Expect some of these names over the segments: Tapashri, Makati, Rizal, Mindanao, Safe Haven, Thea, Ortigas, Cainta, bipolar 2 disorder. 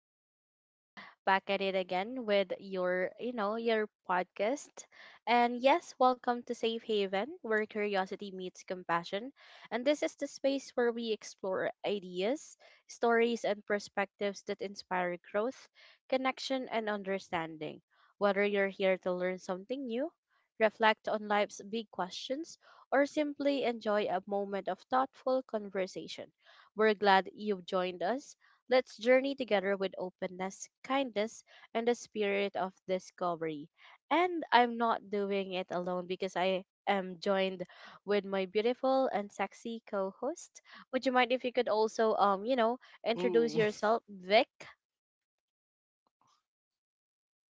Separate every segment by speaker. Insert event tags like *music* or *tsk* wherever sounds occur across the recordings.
Speaker 1: listeners. Back at it again with your podcast. And yes, welcome to Safe Haven, where curiosity meets compassion. And this is the space where we explore ideas, stories and perspectives that inspire growth, connection and understanding. Whether you're here to learn something new, reflect on life's big questions, or simply enjoy a moment of thoughtful conversation, we're glad you've joined us. Let's journey together with openness, kindness, and the spirit of discovery. And I'm not doing it alone, because I am joined with my beautiful and sexy co-host. Would you mind if you could also
Speaker 2: Ooh,
Speaker 1: introduce yourself, Vic?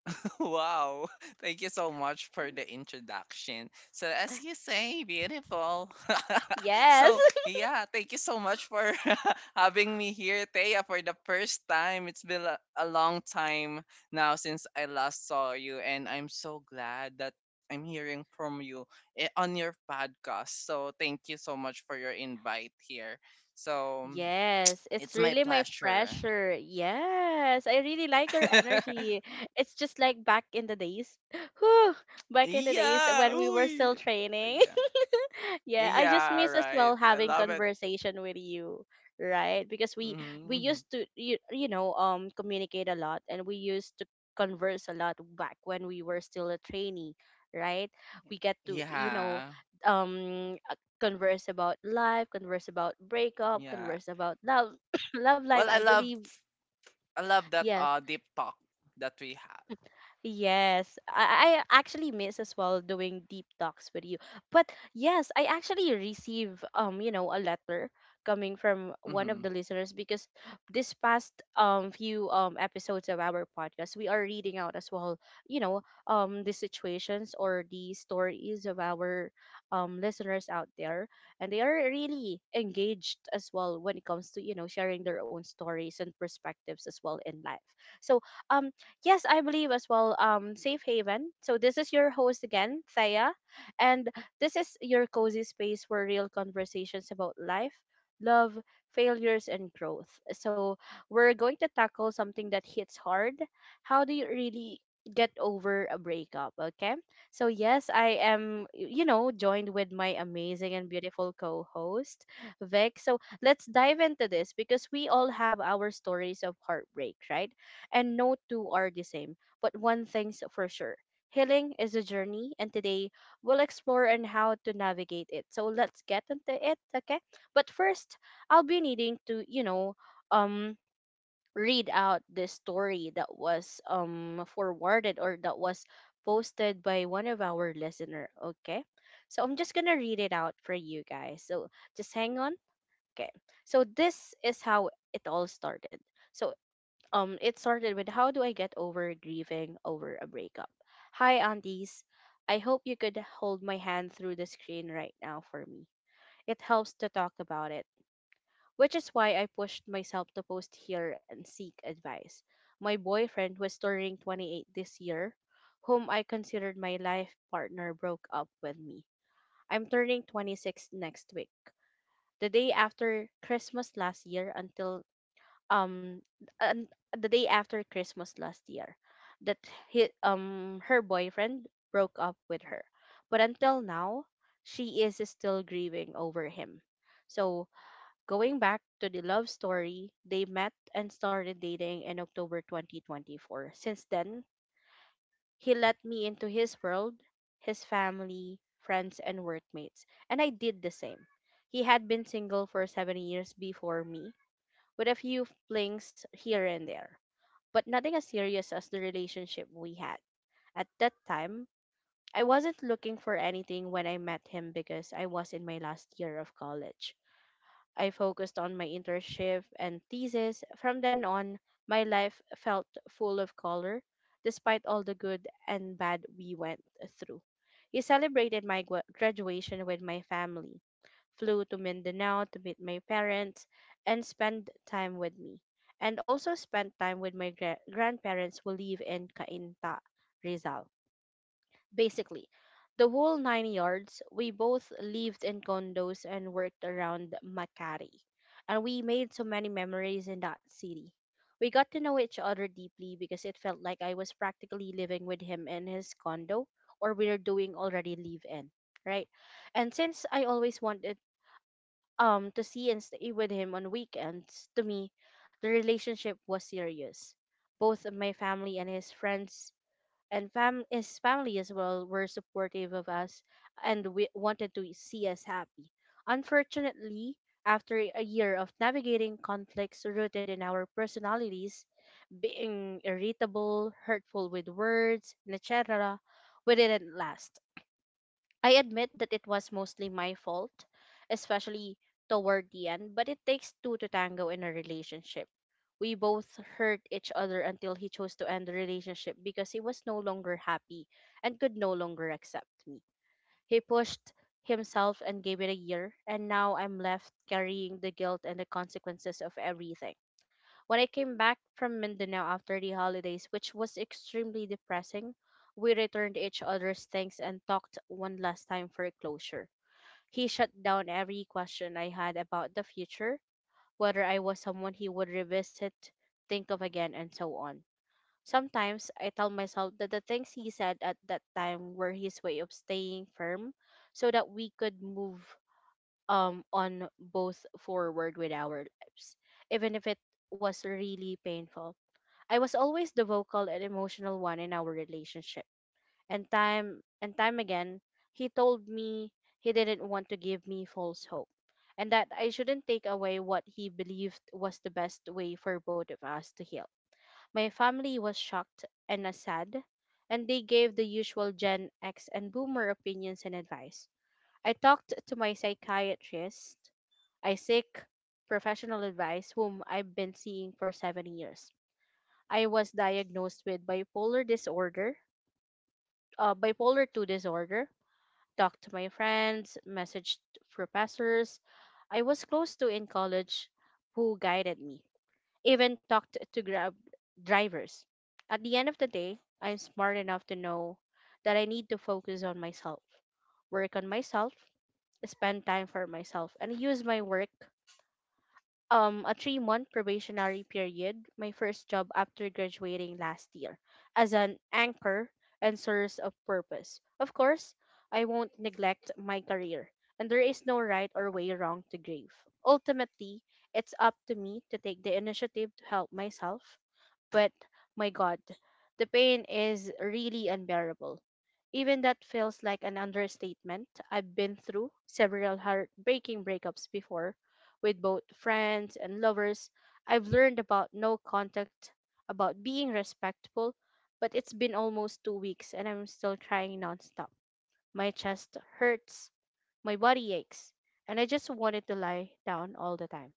Speaker 2: *laughs* wow. Thank you so much for the introduction. So, as you say, beautiful. *laughs*
Speaker 1: Yes. *laughs*
Speaker 2: Yeah, thank you so much for *laughs* having me here, Thea, for the first time. It's been a long time now since I last saw you, and I'm so glad that I'm hearing from you on your podcast. So, thank you so much for your invite here. So,
Speaker 1: Yes, it's
Speaker 2: it's my
Speaker 1: really my
Speaker 2: pleasure.
Speaker 1: pressure. Yes, I really like your energy.
Speaker 2: *laughs*
Speaker 1: It's just like back in the days. *sighs* Whew, back in the days
Speaker 2: Yeah.
Speaker 1: when we were
Speaker 2: Uy.
Speaker 1: still training.
Speaker 2: Yeah.
Speaker 1: *laughs* Yeah, I just
Speaker 2: Yeah,
Speaker 1: miss as well
Speaker 2: right. I
Speaker 1: having
Speaker 2: love it.
Speaker 1: conversation with you, right? Because we
Speaker 2: Hmm.
Speaker 1: used to communicate a lot, and we used to converse a lot back when we were still a trainee, right? We get to
Speaker 2: Yeah.
Speaker 1: um converse about life, converse about breakup,
Speaker 2: Yeah.
Speaker 1: converse about love, *coughs* love life,
Speaker 2: Well,
Speaker 1: I believe.
Speaker 2: I love that
Speaker 1: Yes,
Speaker 2: deep talk that we have.
Speaker 1: Yes, I actually miss as well doing deep talks with you. But yes, I actually receive a letter coming from
Speaker 2: Hmm.
Speaker 1: one of the listeners, because this past few episodes of our podcast, we are reading out as well, you know the situations or the stories of our listeners out there, and they are really engaged as well when it comes to sharing their own stories and perspectives as well in life. So um yes, I believe as well. Safe Haven. So this is your host again, Thea, and this is your cozy space for real conversations about life, love, failures, and growth. So we're going to tackle something that hits hard. How do you really get over a breakup? Okay. So yes, I am, joined with my amazing and beautiful co-host, Vic. So let's dive into this, because we all have our stories of heartbreak, right? And no two are the same. But one thing's for sure, healing is a journey, and today we'll explore and how to navigate it. So let's get into it, okay? But first, I'll be needing to, um, read out the story that was forwarded or that was posted by one of our listener. Okay, so I'm just gonna read it out for you guys, so just hang on. Okay. So this is how it all started. So, it started with, how do I get over grieving over a breakup? Hi, aunties. I hope you could hold my hand through the screen right now for me. It helps to talk about it, which is why I pushed myself to post here and seek advice. My boyfriend, who is turning 28 this year, whom I considered my life partner, broke up with me. I'm turning 26 next week. The day after Christmas last year, until um and the day after Christmas last year, that he, her boyfriend, broke up with her. But until now, she is still grieving over him. So, going back to the love story, they met and started dating in October 2024. Since then, he let me into his world, his family, friends, and workmates, and I did the same. He had been single for 7 years before me, with a few flings here and there, but nothing as serious as the relationship we had. At that time, I wasn't looking for anything when I met him, because I was in my last year of college. I focused on my internship and thesis. From then on, my life felt full of color, despite all the good and bad we went through. He celebrated my graduation with my family, flew to Mindanao to meet my parents, and spend time with me, and also spent time with my grandparents who live in Cainta, Rizal. Basically the whole nine yards. We both lived in condos and worked around Makati, and we made so many memories in that city. We got to know each other deeply, because it felt like I was practically living with him in his condo, or we were doing already live in right? And since I always wanted to see and stay with him on weekends, to me the relationship was serious. Both my family and his friends, and fam his family as well, were supportive of us and we wanted to see us happy. Unfortunately, after a year of navigating conflicts rooted in our personalities, being irritable, hurtful with words, and etc., we didn't last. I admit that it was mostly my fault, especially toward the end, but it takes two to tango in a relationship. We both hurt each other until he chose to end the relationship, because he was no longer happy and could no longer accept me. He pushed himself and gave it a year, and now I'm left carrying the guilt and the consequences of everything. When I came back from Mindanao after the holidays, which was extremely depressing, we returned each other's things and talked one last time for closure. He shut down every question I had about the future, whether I was someone he would revisit, think of again, and so on. Sometimes I tell myself that the things he said at that time were his way of staying firm so that we could move on, both forward with our lives, even if it was really painful. I was always the vocal and emotional one in our relationship. And time again, he told me he didn't want to give me false hope, and that I shouldn't take away what he believed was the best way for both of us to heal. My family was shocked and sad, and they gave the usual Gen X and boomer opinions and advice. I talked to my psychiatrist. I seek professional advice, whom I've been seeing for 7 years. I was diagnosed with bipolar disorder, bipolar 2 disorder, talked to my friends, messaged professors I was close to in college who guided me, even talked to Grab drivers. At the end of the day, I'm smart enough to know that I need to focus on myself, work on myself, spend time for myself, and use my work, a 3-month probationary period, my first job after graduating last year, as an anchor and source of purpose. Of course, I won't neglect my career, and there is no right or way wrong to grieve. Ultimately, it's up to me to take the initiative to help myself, but my God, the pain is really unbearable. Even that feels like an understatement. I've been through several heartbreaking breakups before with both friends and lovers. I've learned about no contact, about being respectful, but it's been almost 2 weeks and I'm still crying nonstop. My chest hurts, my body aches, and I just wanted to lie down all the time.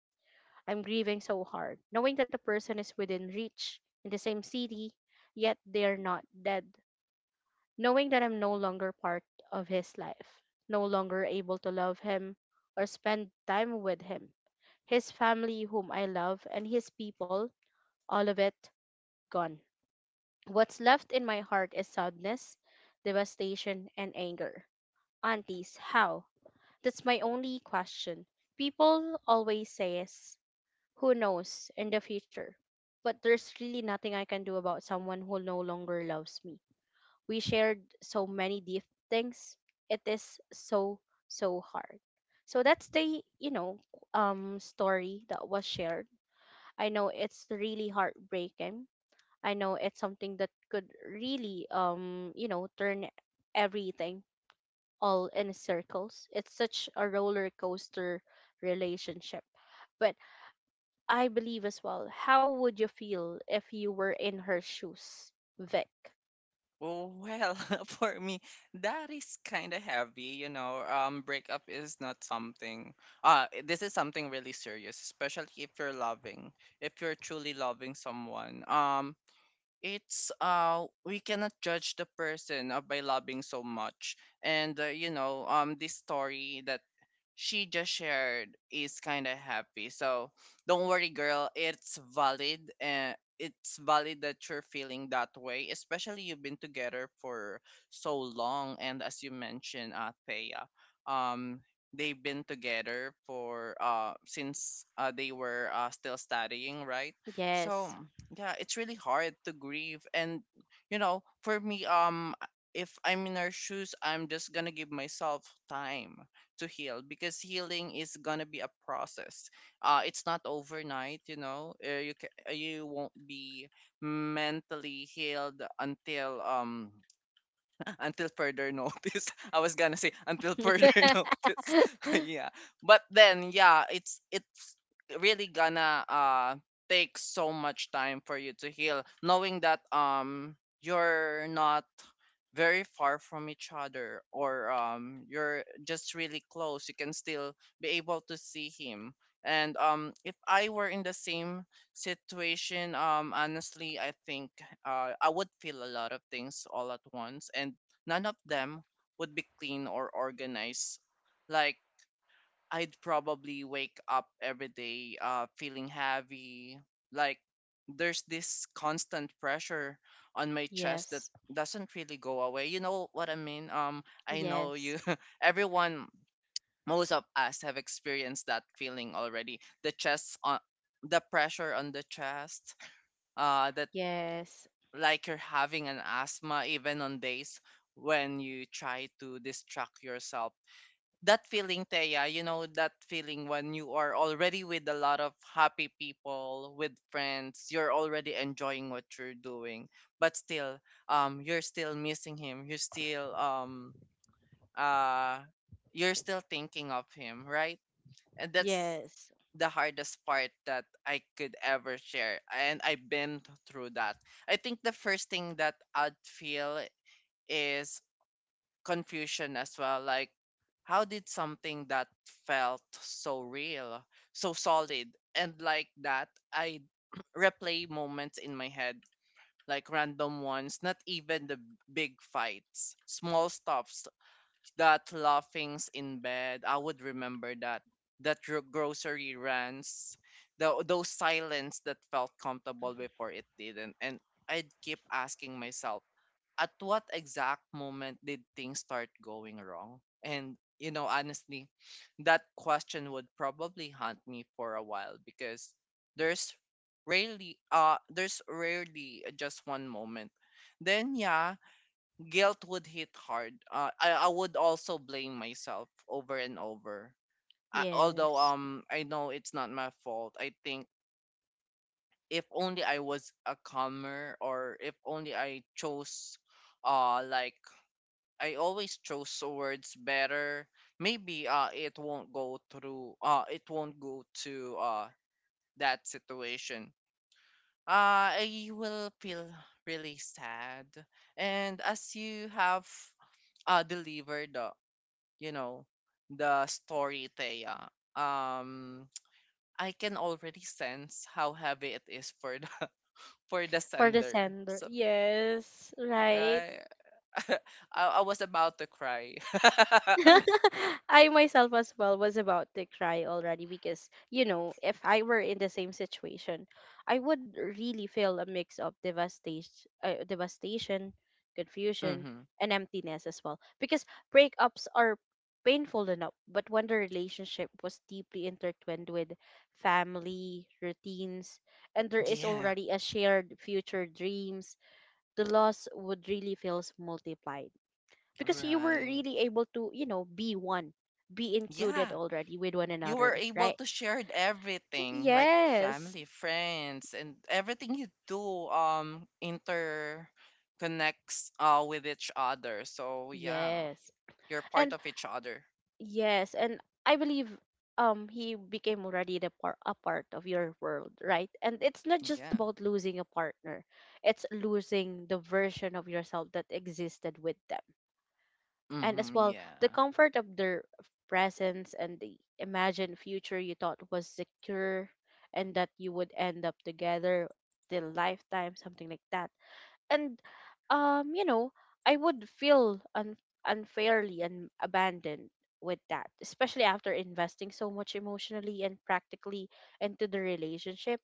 Speaker 1: I'm grieving so hard, knowing that the person is within reach in the same city, yet they're not dead. Knowing that I'm no longer part of his life, no longer able to love him or spend time with him. His family, whom I love, and his people, all of it gone. What's left in my heart is sadness, devastation, and anger. Aunties, how? That's my only question. People always says, who knows in the future? But there's really nothing I can do about someone who no longer loves me. We shared so many deep things. It is so, so hard. So that's the, story that was shared. I know it's really heartbreaking. I know it's something that could really, turn everything all in circles. It's such a roller coaster relationship. But I believe as well, how would you feel if you were in her shoes, Vic?
Speaker 2: Well, *laughs* for me, that is kind of heavy, you know. Breakup is not something. This is something really serious, especially if you're truly loving someone. It's we cannot judge the person by loving so much, and you know, this story that she just shared is kind of happy. So don't worry, girl. It's valid, and it's valid that you're feeling that way, especially you've been together for so long. And as you mentioned, Thea, um, they've been together for since they were still studying, right? So
Speaker 1: Yes.
Speaker 2: yeah, it's really hard to grieve. And you know, for me, if I'm in her shoes, I'm just gonna give myself time to heal because healing is gonna be a process. It's not overnight, you know. You won't be mentally healed until further notice. *laughs* I was gonna say until further *laughs* notice. *laughs*
Speaker 1: *laughs*
Speaker 2: Yeah. But then yeah, it's really gonna take so much time for you to heal, knowing that you're not very far from each other, or you're just really close, you can still be able to see him. And if I were in the same situation, honestly I think I would feel a lot of things all at once, and none of them would be clean or organized. Like, I'd probably wake up every day feeling heavy. Like, there's this constant pressure on my chest that
Speaker 1: Yes,
Speaker 2: doesn't really go away. You know what I mean? I know
Speaker 1: yes,
Speaker 2: you, *laughs* everyone, most of us have experienced that feeling already. The pressure on the chest that,
Speaker 1: yes,
Speaker 2: like you're having an asthma, even on days when you try to distract yourself. That feeling, Teya, you know, that feeling when you are already with a lot of happy people, with friends, you're already enjoying what you're doing, but still, you're still missing him. Uh, you're still thinking of him, right? And that's
Speaker 1: yes,
Speaker 2: the hardest part that I could ever share. And I've been through that. I think the first thing that I'd feel is confusion as well. Like, how did something that felt so real, so solid, and like that, I *clears throat* replay moments in my head, like random ones, not even the big fights, small stuff, that laughings in bed. I would remember that grocery runs, those silence that felt comfortable before it didn't. And I'd keep asking myself, at what exact moment did things start going wrong? And you know, honestly, that question would probably haunt me for a while because there's there's rarely just one moment. Then yeah, guilt would hit hard. I would also blame myself over and over. I, although
Speaker 1: yes.
Speaker 2: I know it's not my fault. I think if only I was a calmer, or if only I chose uh like I always chose words better, maybe it won't go to that situation. I will feel really sad. And as you have delivered, you know, the story, Thea, um, *tsk* I can already sense how heavy it is for the *laughs* for the
Speaker 1: For the
Speaker 2: sender.
Speaker 1: sender,
Speaker 2: So
Speaker 1: yes, right?
Speaker 2: right, *laughs* I was about to cry. *laughs*
Speaker 1: *laughs* I myself as well was about to cry already, because, if I were in the same situation, I would really feel a mix of devastation, devastation, confusion,
Speaker 2: Mm-hmm.
Speaker 1: and emptiness as well. Because breakups are painful enough, but when the relationship was deeply intertwined with family, routines, and there is
Speaker 2: Yeah,
Speaker 1: already a shared future dreams, the loss would really feel multiplied because you were
Speaker 2: right.
Speaker 1: really able to be one be included
Speaker 2: Yeah,
Speaker 1: already with one
Speaker 2: you were
Speaker 1: another,
Speaker 2: able
Speaker 1: right?
Speaker 2: to share everything, like
Speaker 1: Yes.
Speaker 2: family, friends, and everything you do. Inter connects with each other. So yeah,
Speaker 1: yes
Speaker 2: you're part
Speaker 1: and
Speaker 2: of each other.
Speaker 1: yes and I believe he became already a part of your world, right? And it's not just
Speaker 2: Yeah.
Speaker 1: about losing a partner, it's losing the version of yourself that existed with them, and as
Speaker 2: Mhm,
Speaker 1: well the
Speaker 2: yeah.
Speaker 1: comfort of their presence and the imagined future you thought was secure and that you would end up together till lifetime, something like that. And um you know I would feel unfairly and abandoned with that, especially after investing so much emotionally and practically into the relationship.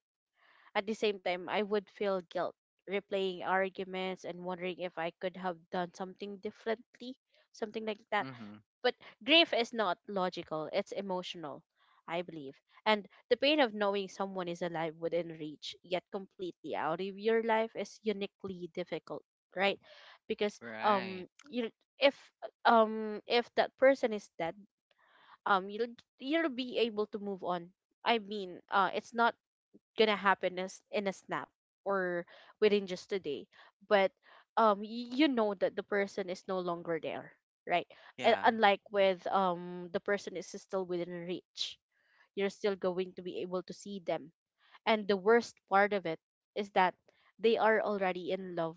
Speaker 1: At the same time I would feel guilt, replaying arguments and wondering if I could have done something differently, something like that.
Speaker 2: Mhm.
Speaker 1: But grief is not logical, it's emotional, I believe. And the pain of knowing someone is alive within reach, yet completely out of your life, is uniquely difficult, right? Because
Speaker 2: Right.
Speaker 1: you if if that person is dead, um, you'll be able to move on. I mean, it's not gonna happen as in a snap or within just a day, but um, you know that the person is no longer there, right? And
Speaker 2: Yeah.
Speaker 1: unlike with um, the person is still within reach, you're still going to be able to see them. And the worst part of it is that they are already in love,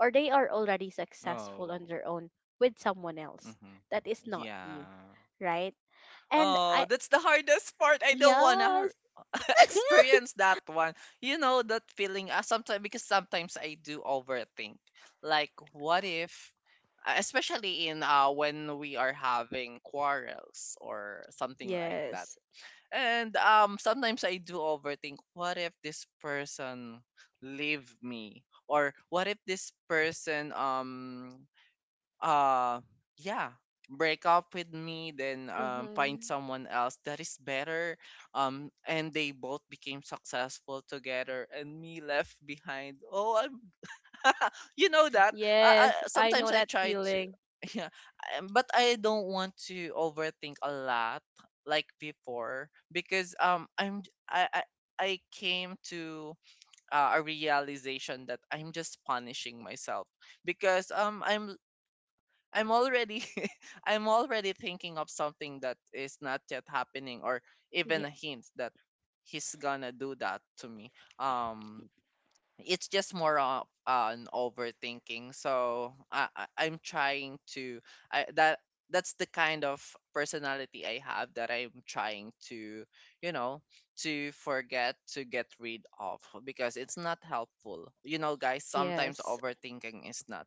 Speaker 1: or they are already successful on
Speaker 2: Oh.
Speaker 1: their own with someone else
Speaker 2: Mhm.
Speaker 1: that is not you,
Speaker 2: Yeah.
Speaker 1: right? And
Speaker 2: Oh,
Speaker 1: I
Speaker 2: that's the hardest part. I don't wanna
Speaker 1: yes.
Speaker 2: *laughs*
Speaker 1: *laughs*
Speaker 2: experience that one. You know that feeling. Sometimes I do overthink. Like, what if, especially in when we are having quarrels or something like that.
Speaker 1: Yes.
Speaker 2: And sometimes I do overthink. What if this person leave me? Or what if this person uh yeah, break up with me, then find
Speaker 1: Mhm.
Speaker 2: someone else that is better, and they both became successful together, and me left behind. Oh, I'm *laughs* you know that.
Speaker 1: Yes, I
Speaker 2: Sometimes
Speaker 1: know
Speaker 2: I
Speaker 1: that
Speaker 2: try to.
Speaker 1: feeling.
Speaker 2: *laughs* Yeah. But I don't want to overthink a lot like before because I'm j- I came to a realization that I'm just punishing myself because I'm already *laughs* I'm already thinking of something that is not yet happening, or even
Speaker 1: Ye-
Speaker 2: a hint that he's gonna do that to me. It's just more of an overthinking, so I I'm trying to I that that's the kind of personality I have that I'm trying to, you know, to forget, to get rid of, because it's not helpful. You know, guys, sometimes
Speaker 1: yes.
Speaker 2: overthinking is not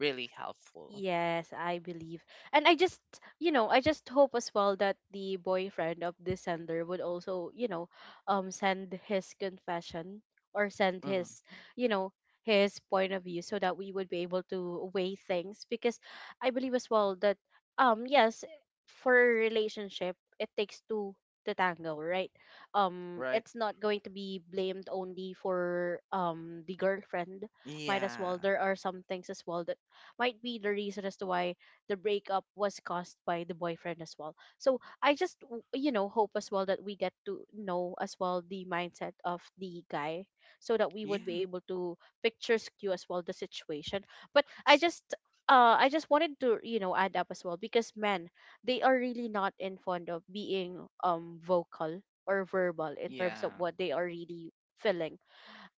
Speaker 2: really helpful.
Speaker 1: Yes, I believe. And I just, you know, I just hope as well that the boyfriend of the sender would also, you know, um, send his confession or send
Speaker 2: Hmm.
Speaker 1: his, you know, his point of view so that we would be able to weigh things, because I believe as well that um, yes, for a relationship it takes two to tango, right? Um,
Speaker 2: Right.
Speaker 1: it's not going to be blamed only for the girlfriend. Might as
Speaker 2: Yeah.
Speaker 1: well there are some things as well that might be the reason as to why the breakup was caused by the boyfriend as well. So I just you know hope as well that we get to know as well the mindset of the guy, so that we would
Speaker 2: Yeah.
Speaker 1: be able to picture skew as well the situation. But
Speaker 2: S-
Speaker 1: I just wanted to, you know, add up as well because men, they are really not in fond of being vocal or verbal in terms of
Speaker 2: yeah.
Speaker 1: what they are really feeling.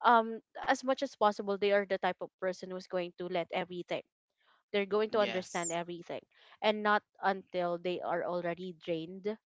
Speaker 1: Um, as much as possible they are the type of person who's going to let everything, they're going to understand
Speaker 2: Yes,
Speaker 1: everything, and not until they are already drained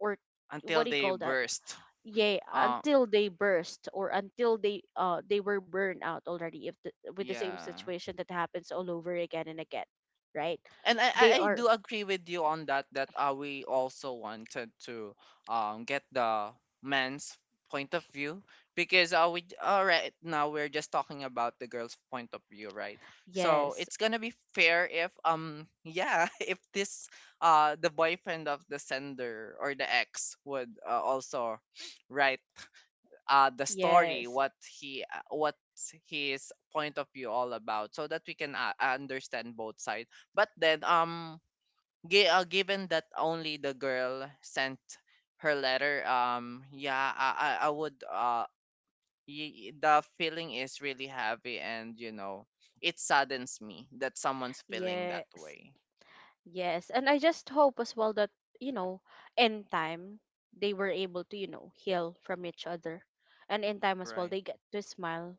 Speaker 1: or what
Speaker 2: until
Speaker 1: do you
Speaker 2: they
Speaker 1: call that,
Speaker 2: burst.
Speaker 1: yeah,
Speaker 2: uh
Speaker 1: until they burst, or until they were burned out already if the, with the same
Speaker 2: yeah.
Speaker 1: situation that happens all over again and again, right?
Speaker 2: And I, I
Speaker 1: They
Speaker 2: I
Speaker 1: are
Speaker 2: do agree with you on that, that we also wanted to get the man's point of view, because we right now we're just talking about the girl's point of view, right? So
Speaker 1: yes.
Speaker 2: it's gonna be fair if yeah *laughs* if this the boyfriend of the sender, or the ex, would also *sniffs* write the story,
Speaker 1: Yes.
Speaker 2: what his point of view all about, so that we can understand both sides. But then, given that only the girl sent her letter, yeah, I would, the feeling is really heavy, and you know, it saddens me that someone's feeling that
Speaker 1: Yes.
Speaker 2: way,
Speaker 1: Yes, and I just hope as well that, you know, in time they were able to, you know, heal from each other, and in time as well
Speaker 2: right?
Speaker 1: they get to smile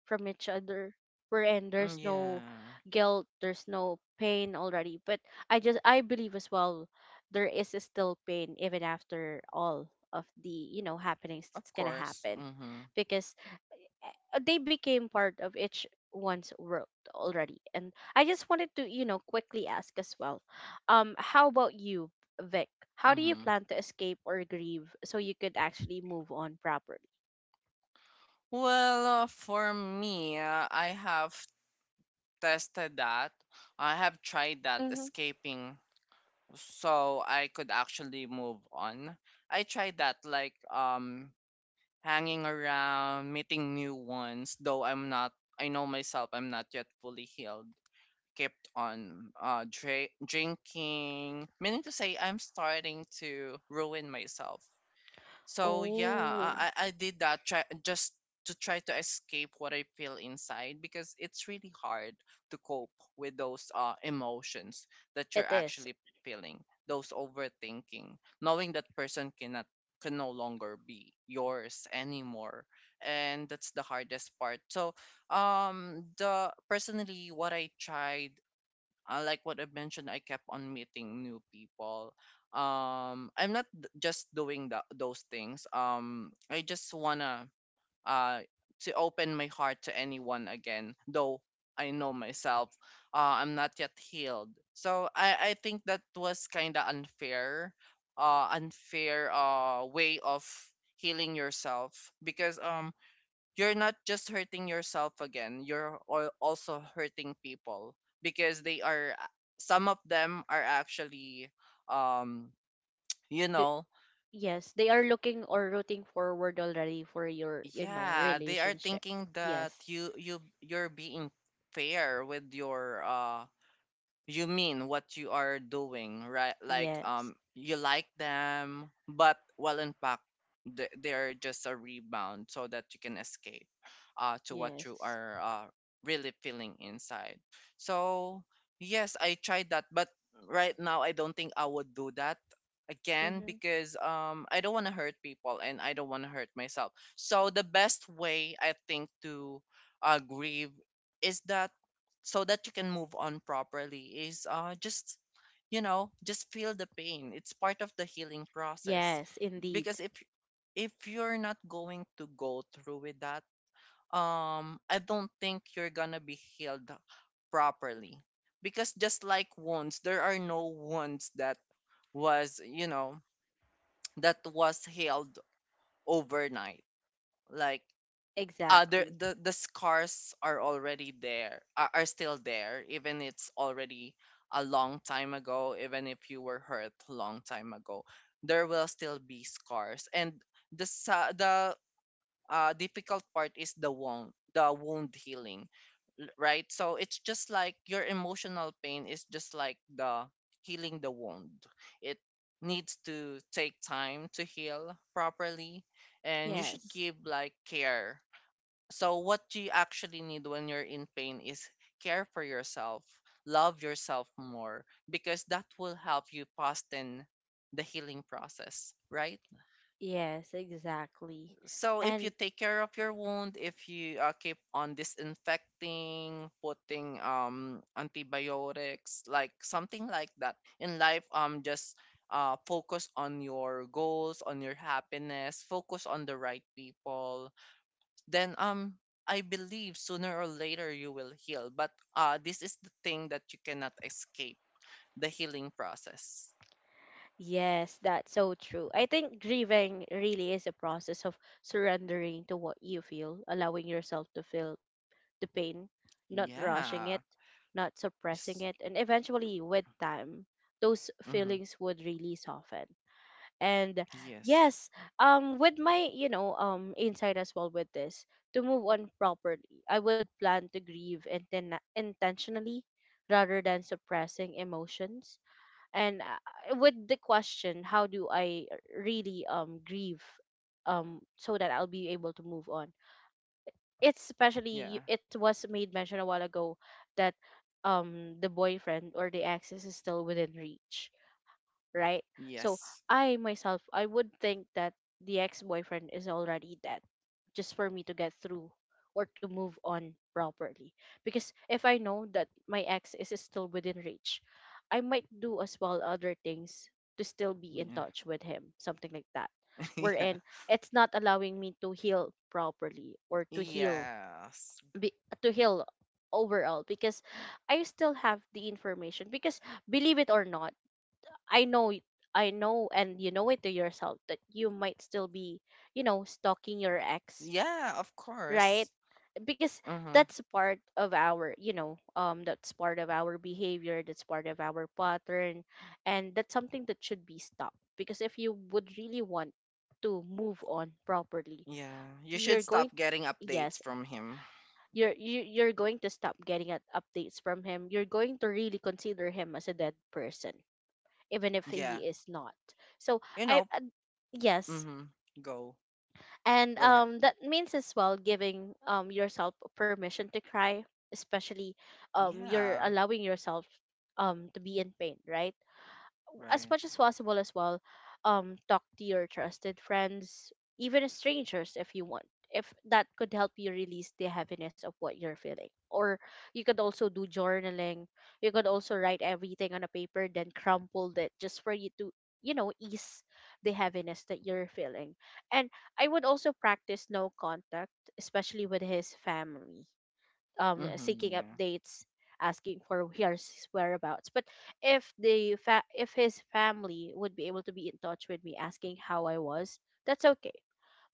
Speaker 1: from each other, wherein there's
Speaker 2: Mm,
Speaker 1: no
Speaker 2: yeah,
Speaker 1: guilt, there's no pain already. But I just, I believe as well there is still pain even after all of the, you know, happenings
Speaker 2: of
Speaker 1: that's gonna
Speaker 2: course.
Speaker 1: happen,
Speaker 2: Mm-hmm.
Speaker 1: because they became part of each one's world already. And I just wanted to, you know, quickly ask as well, um, how about you, Vic, how do you
Speaker 2: Mm-hmm.
Speaker 1: plan to escape or grieve so you could actually move on properly?
Speaker 2: Well, for me, I have tested that. I have tried that
Speaker 1: Hmm.
Speaker 2: escaping so I could actually move on. I tried that, like hanging around, meeting new ones, though I know myself, I'm not yet fully healed. Kept on drinking, meaning to say I'm starting to ruin myself. So yeah,
Speaker 1: Oh,
Speaker 2: I did that try just to try to escape what I feel inside, because it's really hard to cope with those emotions that you're
Speaker 1: it is.
Speaker 2: actually feeling, those overthinking, knowing that person can no longer be yours anymore. And that's the hardest part. So the personally what I tried, like what I mentioned, I kept on meeting new people. I'm not d- Just doing the, those things. I just wanna uh to open my heart to anyone again, though I know myself. I'm not yet healed, so I think that was kind of unfair, way of healing yourself, because you're not just hurting yourself again, you're also hurting people because they are, some of them are actually, um you know,
Speaker 1: Yes, they are looking or rooting forward already for your, you know,
Speaker 2: yeah, they are
Speaker 1: relationship.
Speaker 2: thinking that
Speaker 1: Yes.
Speaker 2: you're being fair with your you mean what you are doing, right? Like
Speaker 1: Yes.
Speaker 2: you like them, but well in fact they're just a rebound, so that you can escape to what you
Speaker 1: Yes.
Speaker 2: are really feeling inside. So, yes, I tried that, but right now I don't think I would do that again
Speaker 1: Mm-hmm.
Speaker 2: because I don't want to hurt people, and I don't want to hurt myself. So the best way, I think, to grieve, is that, so that you can move on properly, is just, you know, just feel the pain, it's part of the healing process.
Speaker 1: Yes, indeed.
Speaker 2: Because if you're not going to go through with that, I don't think you're gonna be healed properly, because just like wounds, there are no wounds that was, you know, *tsk* that was healed overnight. Like other
Speaker 1: Exactly.
Speaker 2: the scars are already there, are still there, even it's already a long time ago, even if you were hurt long time ago, there will still be scars. And the difficult part is the wound healing, right? So it's just like your emotional pain is just like the healing the wound, it needs to take time to heal properly, and you should
Speaker 1: Yes.
Speaker 2: give like care. So, what you actually need when you're in pain is care for yourself, love yourself more, because that will help you fasten the healing process, right?
Speaker 1: Yes, exactly.
Speaker 2: So, if you
Speaker 1: And
Speaker 2: take care of your wound, if you keep on disinfecting, putting antibiotics, like something like that in life, just focus on your goals, on your happiness, focus on the right people, then I believe sooner or later you will heal. But this is the thing that you cannot escape the healing process.
Speaker 1: yes, that's so true. I think grieving really is a process of surrendering to what you feel, allowing yourself to feel the pain, not rushing it,
Speaker 2: Yeah.
Speaker 1: not suppressing
Speaker 2: Yes.
Speaker 1: it, and eventually with time, those
Speaker 2: Hmm.
Speaker 1: feelings would really soften. And
Speaker 2: Yes.
Speaker 1: yes, um, with my you know insight as well with this, to move on properly, I would plan to grieve intentionally rather than suppressing emotions. And with the question, how do I really grieve so that I'll be able to move on, it's especially
Speaker 2: Yeah.
Speaker 1: it was made mention a while ago that the boyfriend or the ex is still within reach, right? So
Speaker 2: Yes.
Speaker 1: I myself, I would think that the ex boyfriend is already dead, just for me to get through or to move on properly. Because if I know that my ex is still within reach, I might do as well other things to still be in
Speaker 2: Yeah.
Speaker 1: touch with him, something like that.
Speaker 2: *laughs* yeah.
Speaker 1: Wherein it's not allowing me to heal properly, or to heal
Speaker 2: Yes.
Speaker 1: be, to heal overall, because I still have the information. Because believe it or not, I know, I know, and you know it to yourself that you might still be, you know, stalking your ex,
Speaker 2: Yeah, of course.
Speaker 1: right? Because
Speaker 2: Mm-hmm.
Speaker 1: that's part of our, you know, that's part of our behavior, that's part of our pattern, and that's something that should be stopped. Because if you would really want to move on properly,
Speaker 2: Yeah. You should
Speaker 1: you're going,
Speaker 2: stop getting updates
Speaker 1: yes,
Speaker 2: from him.
Speaker 1: you're going to stop getting at updates from him. You're going to really consider him as a dead person, even if
Speaker 2: Yeah.
Speaker 1: he is not. So
Speaker 2: You
Speaker 1: I
Speaker 2: know.
Speaker 1: yes.
Speaker 2: Mm-hmm. Go.
Speaker 1: And
Speaker 2: Go ahead.
Speaker 1: um, that means as well giving yourself permission to cry, especially you're
Speaker 2: Yeah.
Speaker 1: allowing yourself to be in pain, right? As
Speaker 2: Right.
Speaker 1: much as possible as well, um, talk to your trusted friends, even strangers if you want, if that could help you release the heaviness of what you're feeling. Or you could also do journaling, you could also write everything on a paper then crumple it, just for you to, you know, ease the heaviness that you're feeling. And I would also practice no contact, especially with his family, um, seeking
Speaker 2: Mm-hmm. Yeah.
Speaker 1: updates, asking for his whereabouts. But if the fa- if his family would be able to be in touch with me asking how I was, that's okay.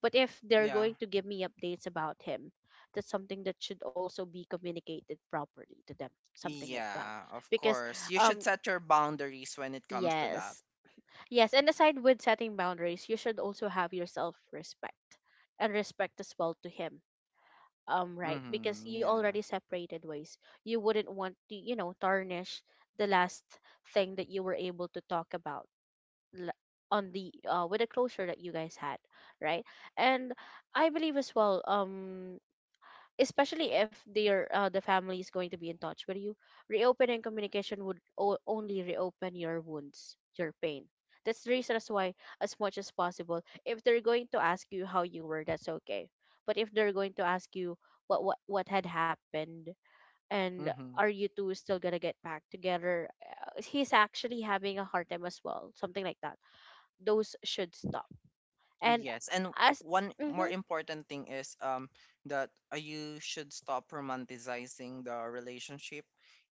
Speaker 1: But if they're
Speaker 2: Yeah.
Speaker 1: going to give me updates about him, that's something that should also be communicated properly to them, something like that.
Speaker 2: Yeah, of
Speaker 1: Because
Speaker 2: course. You should
Speaker 1: um,
Speaker 2: set your boundaries when it comes to that.
Speaker 1: yes. Yes, and aside with setting boundaries, you should also have your self respect and respect as well to him, um, right? Because
Speaker 2: Mhm.
Speaker 1: you already
Speaker 2: Yeah.
Speaker 1: separated ways, you wouldn't want to, you know, tarnish the last thing that you were able to talk about, l- on the with the closure that you guys had, right? And I believe as well, um, especially if their the family is going to be in touch with you, reopening communication would only reopen your wounds, your pain. That's the reason as why, as much as possible, if they're going to ask you how you were, that's okay. But if they're going to ask you what had happened, and
Speaker 2: Mhm.
Speaker 1: are you two still gonna get back together, he's actually having a hard time as well, something like that, those should stop. And
Speaker 2: Yes, and
Speaker 1: as
Speaker 2: one more
Speaker 1: mhm.
Speaker 2: important thing is that you should stop romanticizing the relationship.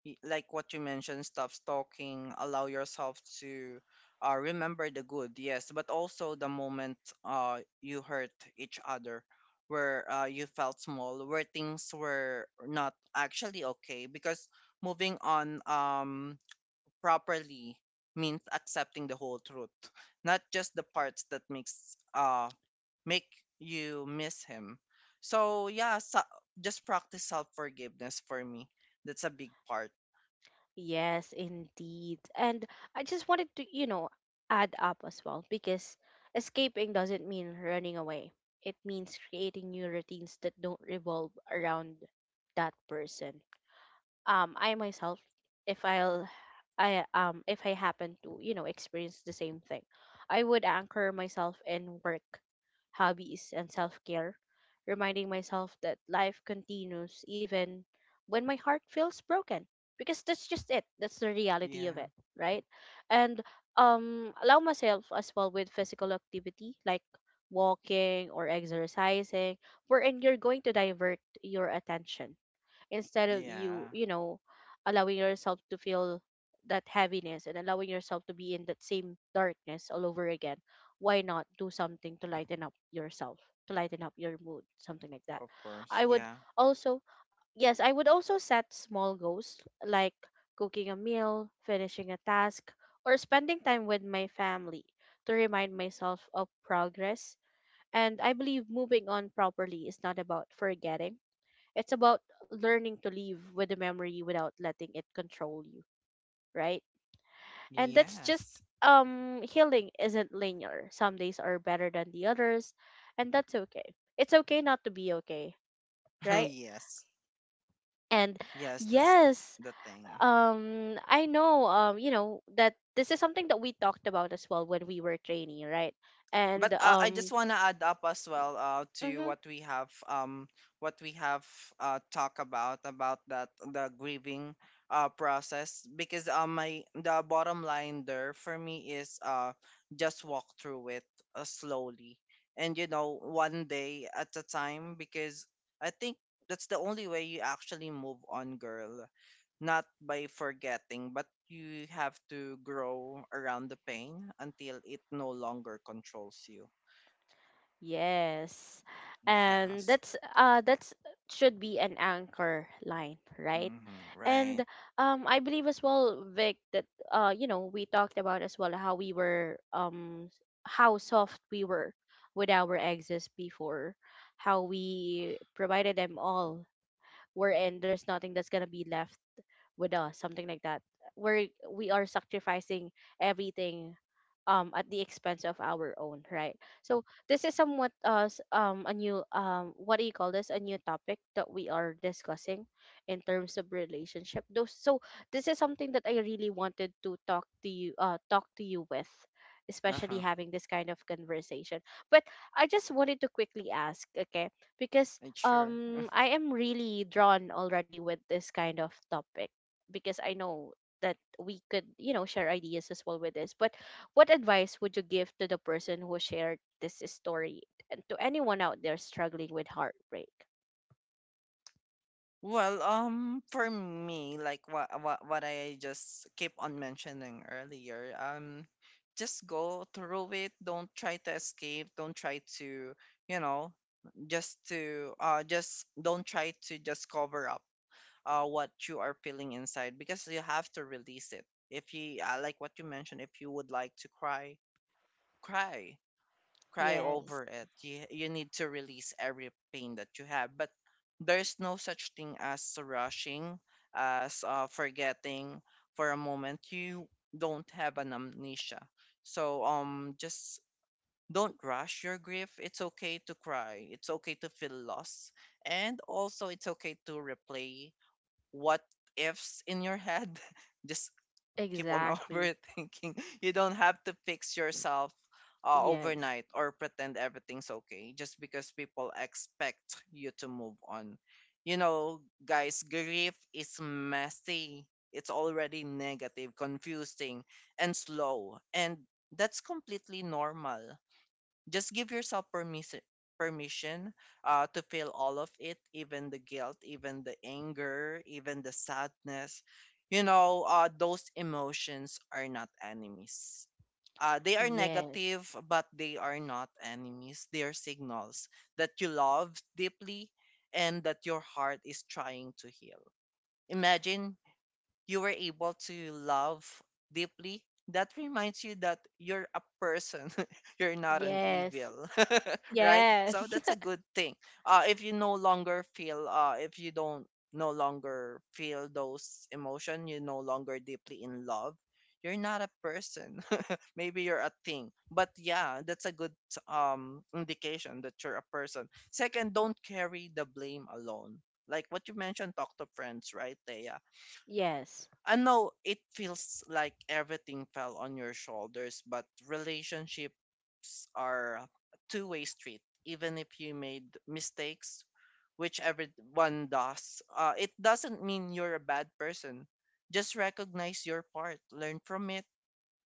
Speaker 2: Like what you mentioned, stop stalking, allow yourself to remember the good, yes, but also the moment you hurt each other, where you felt small, where things were not actually okay. Because moving on properly means accepting the whole truth, not just the parts that make you miss him. So yeah, so, just practice self forgiveness for me. That's a big part.
Speaker 1: Yes, indeed. And I just wanted to, you know, add up as well because escaping doesn't mean running away. It means creating new routines that don't revolve around that person. Um, I myself, if I'll I um, if I happen to, you know, experience the same thing, I would anchor myself in work, hobbies, and self care, reminding myself that life continues even when my heart feels broken. Because that's just it. That's the reality of
Speaker 2: Yeah,
Speaker 1: it, right? And um, allow myself as well with physical activity like walking or exercising, wherein you're going to divert your attention instead of you,
Speaker 2: yeah,
Speaker 1: you know, allowing yourself to feel that heaviness and allowing yourself to be in that same darkness all over again. Why not do something to lighten up yourself, to lighten up your mood, something like that?
Speaker 2: of course.
Speaker 1: I would
Speaker 2: Yeah,
Speaker 1: also yes, I would also set small goals like cooking a meal, finishing a task, or spending time with my family to remind myself of progress. And I believe moving on properly is not about forgetting, it's about learning to live with the memory without letting it control you, right? And that's just
Speaker 2: yes,
Speaker 1: um, healing isn't linear. Some days are better than the others, and that's okay. It's okay not to be okay,
Speaker 2: *laughs*
Speaker 1: right?
Speaker 2: yes,
Speaker 1: And
Speaker 2: yes. That's th-
Speaker 1: yes,
Speaker 2: the thing.
Speaker 1: um, I know um, you know, that this is something that we talked about as well when we were training, right? And
Speaker 2: But I just
Speaker 1: um,
Speaker 2: want to add up as well to
Speaker 1: mhm.
Speaker 2: what we have talk about that the grieving process because my the bottom line there for me is just walk through it slowly, and you know one day at a time because I think that's the only way you actually move on, girl, not by forgetting, but you have to grow around the pain until it no longer controls you.
Speaker 1: Yes.
Speaker 2: Yeah,
Speaker 1: And
Speaker 2: so.
Speaker 1: that's should be an anchor line, right?
Speaker 2: Hmm. Right.
Speaker 1: And um, I believe as well, Vic, that uh, you know, we talked about as well how we were how soft we were with our exes before, how we provided them all, wherein there's nothing that's gonna be left with us, something like that. Where we are sacrificing everything at the expense of our own, right? So this is somewhat a new what do you call this, a new topic that we are discussing in terms of relationship. Those so this is something that I really wanted to talk to you with, especially
Speaker 2: Uh-huh.
Speaker 1: having this kind of conversation. But I just wanted to quickly ask, okay, because
Speaker 2: And. Sure.
Speaker 1: I am really drawn already with this kind of topic because I know that we could, you know, share ideas as well with this. But what advice would you give to the person who shared this story and to anyone out there struggling with heartbreak?
Speaker 2: Well, for me, like what I just keep on mentioning earlier, just go through it. Don't try to escape. Don't try to, you know, just don't try to just cover up what you are feeling inside because you have to release it. If you like what you mentioned, if you would like to cry. cry
Speaker 1: Yes,
Speaker 2: over it. You need to release every pain that you have. But there's no such thing as rushing, as forgetting for a moment. You don't have an amnesia. So just don't rush your grief. It's okay to cry. It's okay to feel lost. And also it's okay to replay what ifs in your head. *laughs* just keep on *laughs*
Speaker 1: exactly.
Speaker 2: overthinking. You don't have to fix yourself
Speaker 1: Yes.
Speaker 2: overnight or pretend everything's okay just because people expect you to move on. You know, guys, grief is messy. It's already negative, confusing, and slow. And that's completely normal. Just give yourself permission to feel all of it, even the guilt, even the anger, even the sadness. You know, those emotions are not enemies. They are
Speaker 1: Yes.
Speaker 2: negative, but they are not enemies. They are signals that you love deeply and that your heart is trying to heal. Imagine you were able to love deeply, that reminds you that you're a person, *laughs* you're not an
Speaker 1: Yes,
Speaker 2: evil, *laughs* right? So
Speaker 1: yes,
Speaker 2: that's a
Speaker 1: *laughs*
Speaker 2: good thing. If you don't no longer feel those emotion, you no longer deeply in love. You're not a person. *laughs* Maybe you're a thing. But yeah, that's a good indication that you're a person. Second, don't carry the blame alone. Like what you mentioned, talk to friends, right, Thea?
Speaker 1: yes.
Speaker 2: I know it feels like everything fell on your shoulders, but relationships are a two-way street. Even if you made mistakes, which everyone does, it doesn't mean you're a bad person. Just recognize your part, learn from it,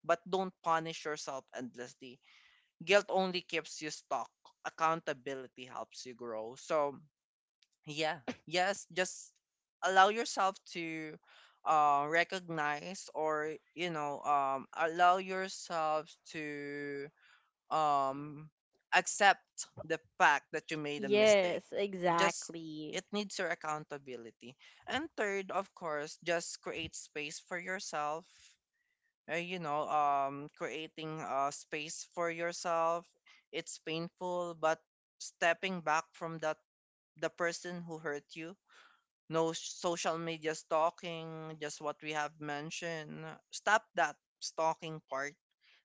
Speaker 2: but don't punish yourself endlessly. Guilt only keeps you stuck. Accountability helps you grow. So yeah, yes, just allow yourself to recognize or allow yourself to um, accept the fact that you made a mistake.
Speaker 1: Yes,
Speaker 2: Just
Speaker 1: exactly.
Speaker 2: it needs your accountability. And third, of course, just create space for yourself. Creating a space for yourself, it's painful, but stepping back from that the person who hurt you, no social media stalking, just what we have mentioned. Stop that stalking part.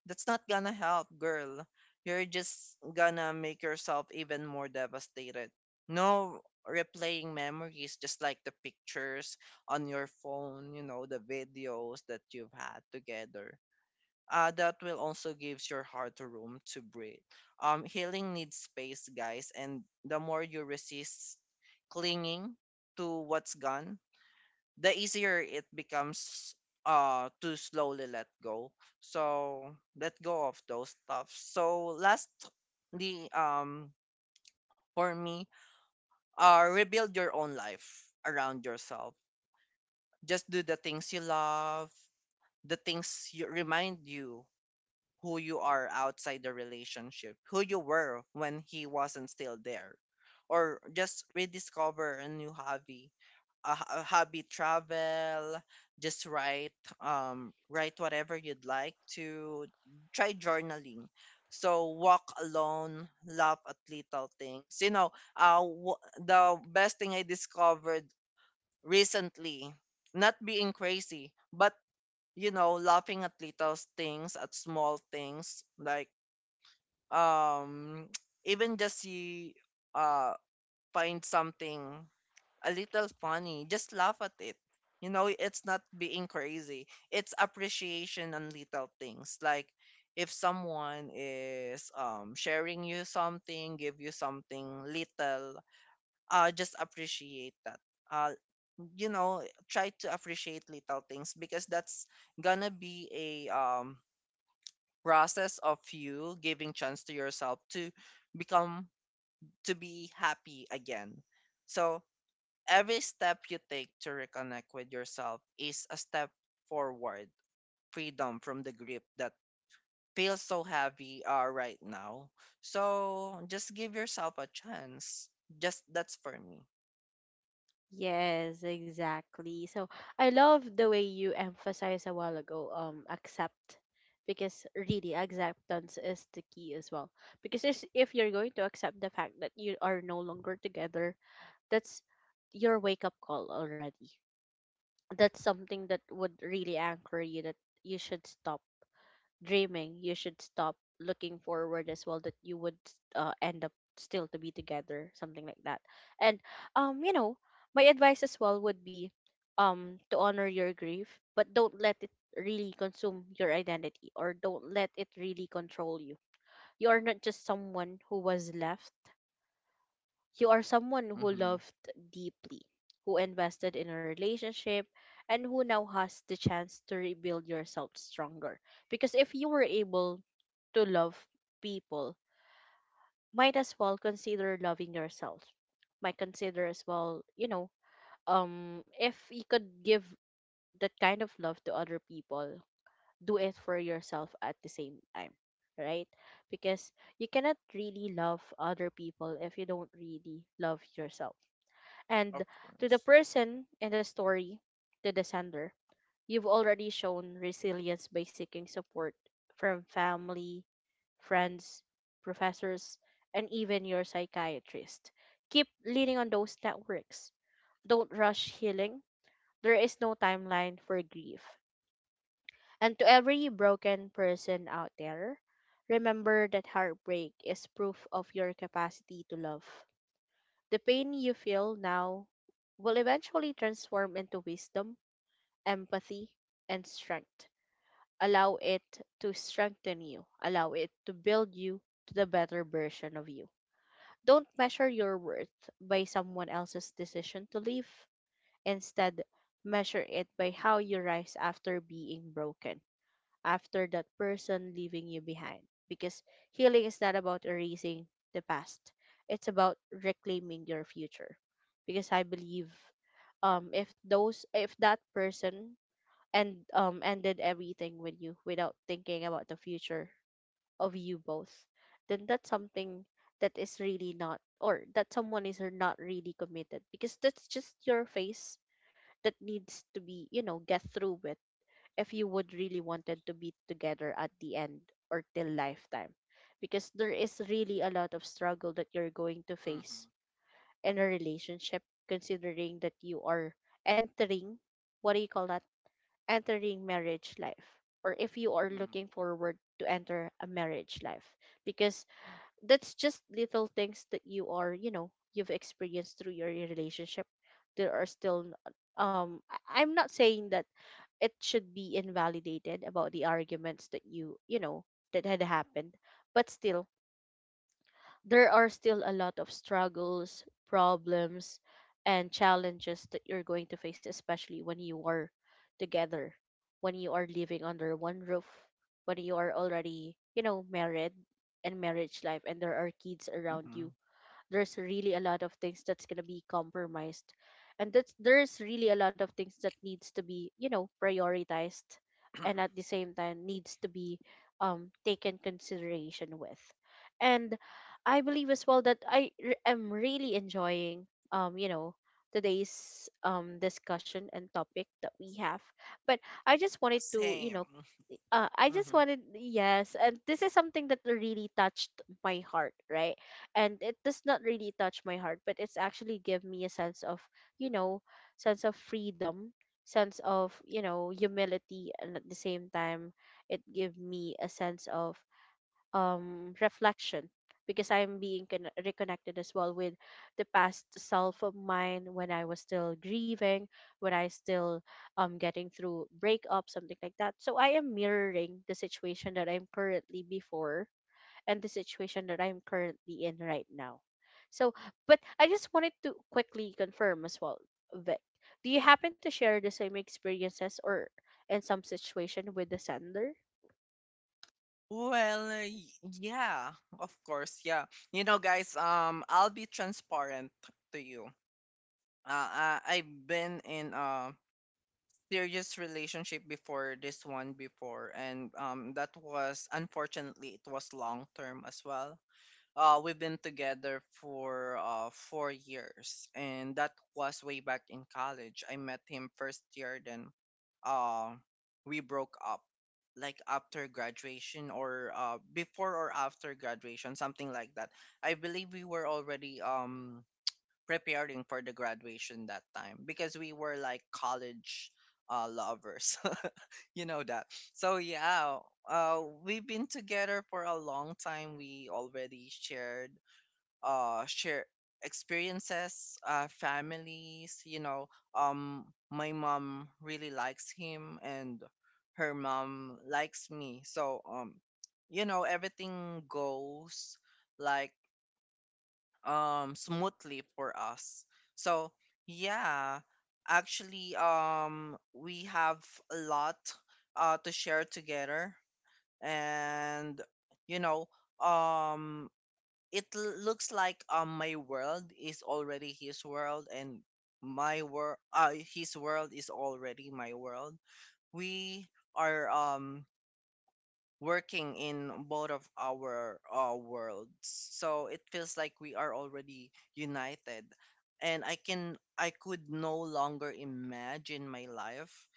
Speaker 2: That's not gonna help, girl. You're just gonna make yourself even more devastated. No replaying memories, just like the pictures on your phone, the videos that you've had together. That will also gives your heart room to breathe. Healing needs space, guys, and the more you resist clinging to what's gone, the easier it becomes to slowly let go. So let go of those stuff. So lastly, for me, rebuild your own life around yourself. Just do the things you love, the things you remind you who you are outside the relationship, who you were when he wasn't still there. Or just rediscover a new hobby, a hobby, travel, just write, write whatever you'd like to, try journaling. So walk alone, laugh at little things. The best thing I discovered recently, not being crazy, but laughing at little things, at small things, like um *tsk* even just you uh find something a little funny. Just laugh at it. You know, it's not being crazy. It's appreciation on little things. Like if someone is sharing you something, give you something little, just appreciate that. Uh, you know, Try to appreciate little things because that's gonna be a process of you giving chance to yourself to become to be happy again. So every step you take to reconnect with yourself is a step forward, freedom from the grip that feels so heavy right now. So just give yourself a chance. Just that's for me.
Speaker 1: Yes, exactly. So I love the way you emphasized a while ago, accept. Because really, acceptance is the key as well. Because if you're going to accept the fact that you are no longer together, that's your wake up call already. That's something that would really anchor you that you should stop dreaming, you should stop looking forward as well that you would end up still to be together, something like that. And you know, my advice as well would be to honor your grief, but don't let it really consume your identity, or don't let it really control you. You are not just someone who was left, you are someone who
Speaker 2: Mm-hmm.
Speaker 1: loved deeply, who invested in a relationship, and who now has the chance to rebuild yourself stronger. Because if you were able to love people, might as well consider loving yourself. Might consider as well, you know, if you could give that kind of love to other people, do it for yourself at the same time, right? Because you cannot really love other people if you don't really love yourself.
Speaker 2: Of
Speaker 1: And to the
Speaker 2: course.
Speaker 1: person in the story, to the sender, you've already shown resilience by seeking support from family, friends, professors, and even your psychiatrist. Keep leaning on those networks. Don't rush healing. There is no timeline for grief. And to every broken person out there, remember that heartbreak is proof of your capacity to love. The pain you feel now will eventually transform into wisdom, empathy, and strength. Allow it to strengthen you, allow it to build you to the better version of you. Don't measure your worth by someone else's decision to leave. Instead, measure it by how you rise after being broken, after that person leaving you behind. Because healing is not about erasing the past, it's about reclaiming your future. Because I believe, if that person and ended everything with you without thinking about the future of you both, then that's something that is really not, or that someone is not really committed, because that's just your face that needs to be, you know, get through with if you would really wanted to be together at the end or till lifetime. Because there is really a lot of struggle that you're going to face
Speaker 2: Mm-hmm.
Speaker 1: in a relationship, considering that you are entering, what do you call that? Entering marriage life, or if you are looking forward to enter a marriage life, because that's just little things that you are you know you've experienced through your relationship. There are still I'm not saying that it should be invalidated about the arguments that you know that had happened, but still there are still a lot of struggles, problems, and challenges that you're going to face, especially when you are together, when you are living under one roof, when you are already, you know, married and marriage life, and there are kids
Speaker 2: Mm-hmm.
Speaker 1: around
Speaker 2: Mm-hmm.
Speaker 1: you. There's really a lot of things that's going to be compromised, and that's there's really a lot of things that needs to be, you know, prioritized, and
Speaker 2: *clears throat*
Speaker 1: at the same time needs to be taken consideration with. And I believe as well that am really enjoying you know today's discussion and topic that we have. But I just wanted to, you
Speaker 2: Same.
Speaker 1: know, I just
Speaker 2: Mm-hmm.
Speaker 1: wanted, yes, and this is something that really touched my heart, right? And it does not really touch my heart, but it's actually give me a sense of, you know, sense of freedom, sense of, you know, humility, and at the same time, it gave me a sense of reflection, because I'm being reconnected as well with the past self of mine, when I was still grieving, when I still getting through breakup, something like that. So I am mirroring the situation that I'm currently before and the situation that I'm currently in right now. So, but I just wanted to quickly confirm as well, Vic, do you happen to share the same experiences or in some situation with the sender?
Speaker 2: Well, yeah, of course, yeah. You know, guys, I'll be transparent to you. I've been in serious relationship before this one before, and that was unfortunately, it was long term as well. We've been together for 4 years, and that was way back in college. I met him first year, then uh we broke up like after graduation or before or after graduation, something like that. I believe we were already preparing for the graduation that time because we were like college lovers. *laughs* you know that. So yeah, we've been together for a long time. We already share experiences, families. You know, um, my mom really likes him, and her mom likes me. So everything goes like smoothly for us. So yeah, actually, we have a lot to share together. And you know um it looks like my world is already his world, and my world his world is already my world. We are working in both of our worlds. So it feels like we are already united, and I could no longer imagine my life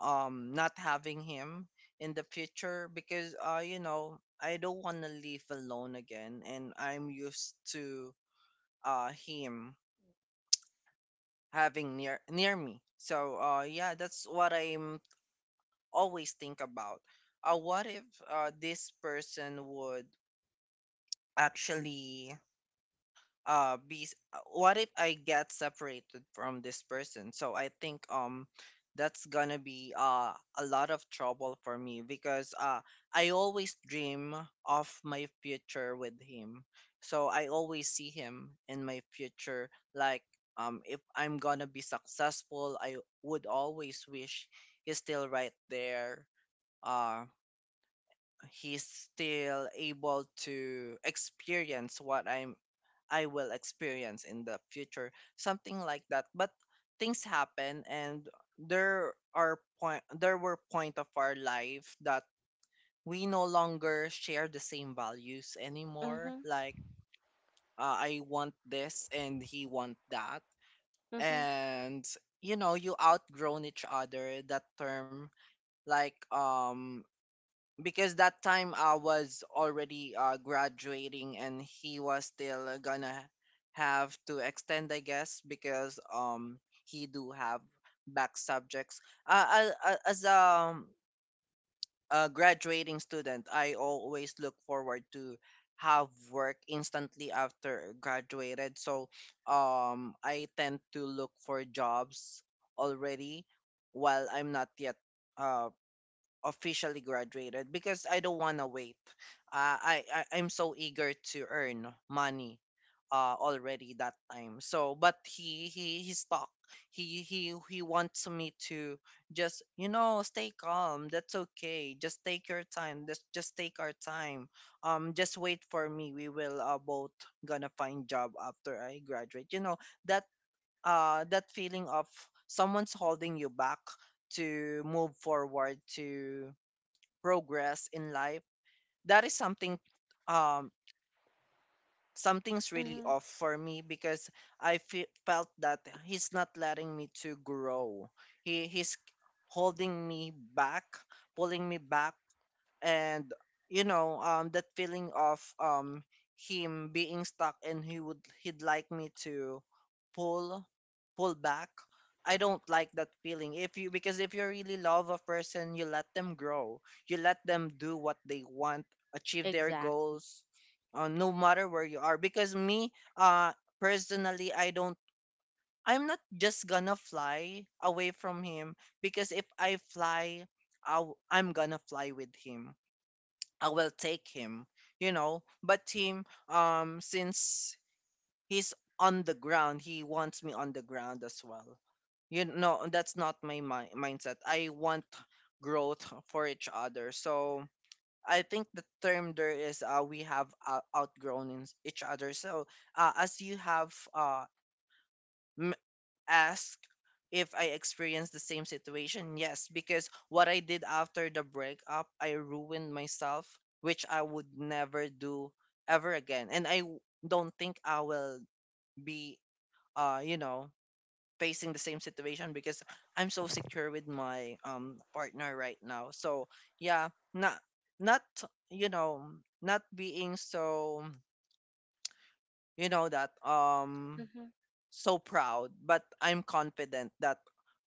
Speaker 2: not having him in the future because I don't want to live alone again, and I'm used to him having near me. So yeah, that's what I'm always think about. What if this person would actually what if I get separated from this person? So I think that's gonna be a lot of trouble for me because I always dream of my future with him. So I always see him in my future. Like if I'm gonna be successful, I would always wish he's still right there. uh he's still able to experience what I will experience in the future, something like that. But things happen, and there were point of our life that we no longer share the same values
Speaker 1: Mm-hmm,
Speaker 2: anymore. Like I want this, and he want that, and you outgrown each other. That term, like because that time I was already graduating, and he was still gonna have to extend, I guess, because he do have back subjects. As a graduating student, I always look forward to have work instantly after graduated. So I tend to look for jobs already while I'm not yet uh officially graduated because I don't want to wait. I'm so eager to earn money already that time. So but he stuck. He wants me to just stay calm. That's okay. Just take your time. Just take our time. Just wait for me. We will both gonna find job after I graduate. You know that that feeling of someone's holding you back to move forward to progress in life, that is something, um something's really
Speaker 1: mm-hmm.
Speaker 2: off for me because I felt that he's not letting me to grow. He's holding me back, pulling me back. And you know, that feeling of him being stuck and he'd like me to pull, pull back. I don't like that feeling if you, because if you really love a person, you let them grow, you let them do what they want, achieve their
Speaker 1: Exactly.
Speaker 2: goals, no matter where you are. Because me, personally, I'm not just gonna fly away from him, because if I fly, i I'm gonna fly with him. I will take him, you know. But team, since he's on the ground, he wants me on the ground as well. You know, that's not my mindset. I want growth for each other. So I think the term there is, we have outgrown in each other. So as you have ask if I experienced the same situation. Yes, because what I did after the breakup, I ruined myself, which I would never do ever again. And don't think I will be, uh, you know, facing the same situation because I'm so secure with my partner right now. So yeah, not not you know, not being so, you know, that
Speaker 1: Mm-hmm,
Speaker 2: so proud, but I'm confident that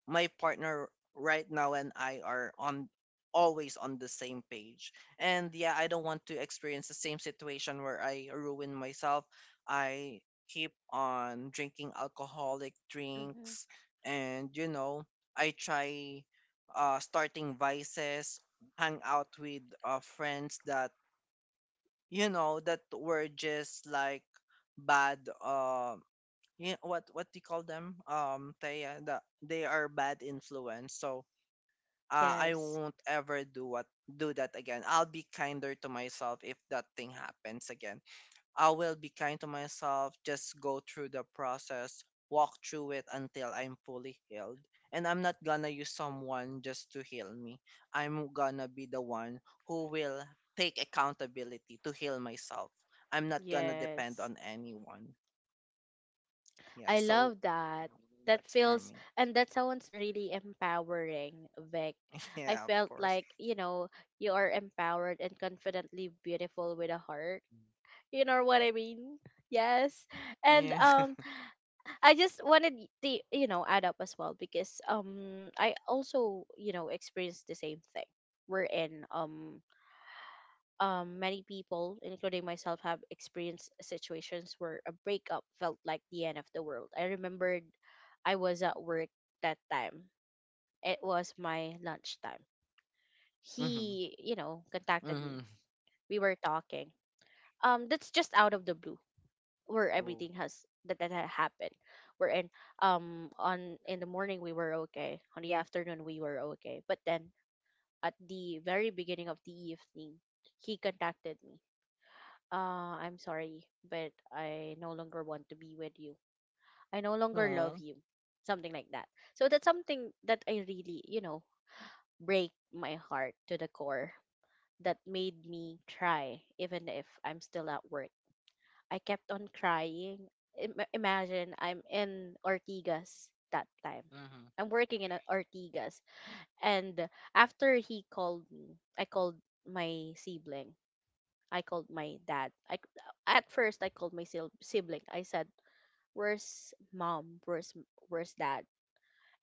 Speaker 2: my partner right now and I are on, always on the same page. And yeah, I don't want to experience the same situation where I ruin myself. I keep on drinking alcoholic
Speaker 1: mm-hmm.
Speaker 2: drinks, and you know, I try starting vices, hang out with friends that, you know, that were just like bad, yeah, what do you call them? Taya, they are bad influence. So I
Speaker 1: Yes.
Speaker 2: won't ever do what do that again. I'll be kinder to myself if that thing happens again. I will be kind to myself. Just go through the process, walk through it until I'm fully healed. And I'm not gonna use someone just to heal me. I'm gonna be the one who will take accountability to heal myself. I'm not gonna depend
Speaker 1: Yes.
Speaker 2: on anyone. Yeah,
Speaker 1: I
Speaker 2: so
Speaker 1: love that. That
Speaker 2: that's for
Speaker 1: feels
Speaker 2: me.
Speaker 1: and that sounds really empowering, Vic.
Speaker 2: *laughs*
Speaker 1: I
Speaker 2: Yeah, of
Speaker 1: felt
Speaker 2: course.
Speaker 1: like, you know, you are empowered and confidently beautiful with a heart. You know what I mean? Yes. And
Speaker 2: Yeah. *laughs*
Speaker 1: I just wanted the, you know, add up as well, because I also, you know, experienced the same thing. We're in Many people, including myself, have experienced situations where a breakup felt like the end of the world. I remembered I was at work that time. It was my lunchtime. He,
Speaker 2: Mm-hmm.
Speaker 1: you know, contacted me.
Speaker 2: Mm-hmm.
Speaker 1: We were talking. That's just out of the blue, where
Speaker 2: Oh.
Speaker 1: everything has that had happened. We're in on In the morning we were okay. On the afternoon we were okay. But then at the very beginning of the evening, he contacted me. I'm sorry, but I no longer want to be with you. I no longer love
Speaker 2: Oh.
Speaker 1: you. Something like that. So that's something that I really, you know, break my heart to the core. That made me try, even if I'm still at work. I kept on crying. Imagine I'm in Ortigas that time.
Speaker 2: Mm-hmm.
Speaker 1: I'm working in Ortigas. And after he called me, I called my sibling, I called my dad. At first I called my sibling. I said, "Where's mom? Where's dad?"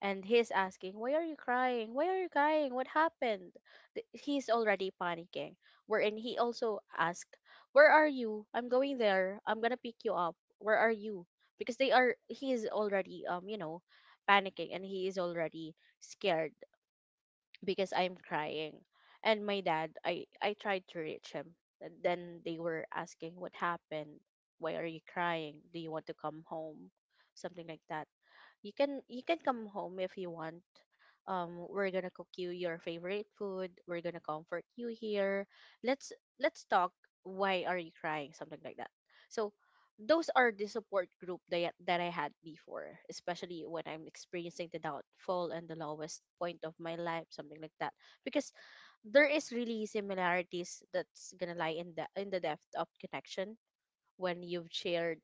Speaker 1: And he's asking, "Why are you crying? Why are you crying? What happened?" He's already panicking. Wherein he also asked, "Where are you? I'm going there. I'm gonna pick you up. Where are you?" Because they are. He is already, you know, panicking, and he is already scared because I'm crying. And my dad, I tried to reach him. And then they were asking, "What happened? Why are you crying? Do you want to come home?" Something like that. "You can come home if you want. We're gonna cook you your favorite food. We're gonna comfort you here. Let's talk. Why are you crying?" Something like that. So those are the support group that I had before, especially when I'm experiencing the downfall and the lowest point of my life, something like that. Because there is really similarities that's gonna lie in the depth of connection, when you've shared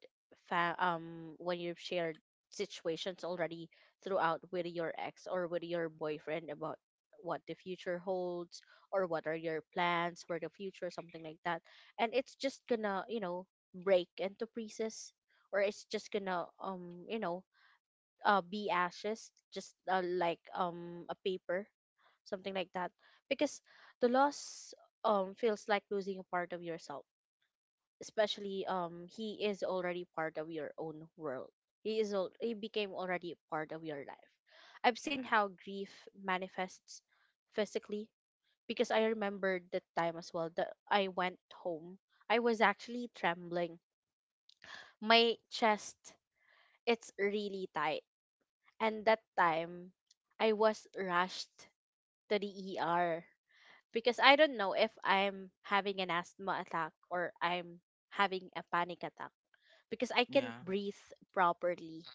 Speaker 1: fa- um when you've shared situations already throughout with your ex or with your boyfriend about what the future holds or what are your plans for the future, something like that. And it's just gonna, you know, break into pieces, or it's just gonna, you know, be ashes, just like a paper, something like that, because the loss feels like losing a part of yourself, especially he is already part of your own world, he became already part of your life. I've
Speaker 2: Yeah.
Speaker 1: seen how grief manifests physically, because I remember the time as well that I went home, I was actually trembling, my chest, it's really tight, and that time I was rushed to the ER because I don't know if I'm having an asthma attack or I'm having a panic attack because I can't
Speaker 2: Yeah.
Speaker 1: breathe properly.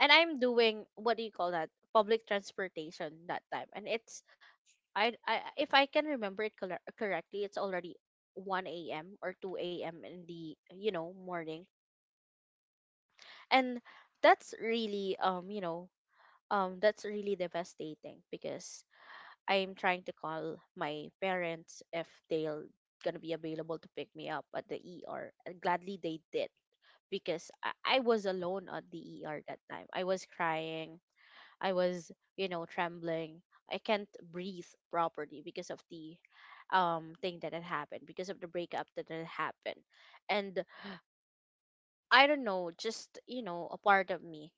Speaker 1: And I'm doing, what do you call that? Public transportation that time. And it's, I if I can remember it correctly, it's already 1 a.m. or 2 a.m. in the, you know, morning. And that's really, you know, that's really devastating, because I'm trying to call my parents if they'll gonna be available to pick me up at the ER. And gladly they did, because I was alone at the ER that time. I was crying. I was, you know, trembling. I can't breathe properly because of the thing that had happened, because of the breakup that had happened. And I don't know, just, you know, a part of me.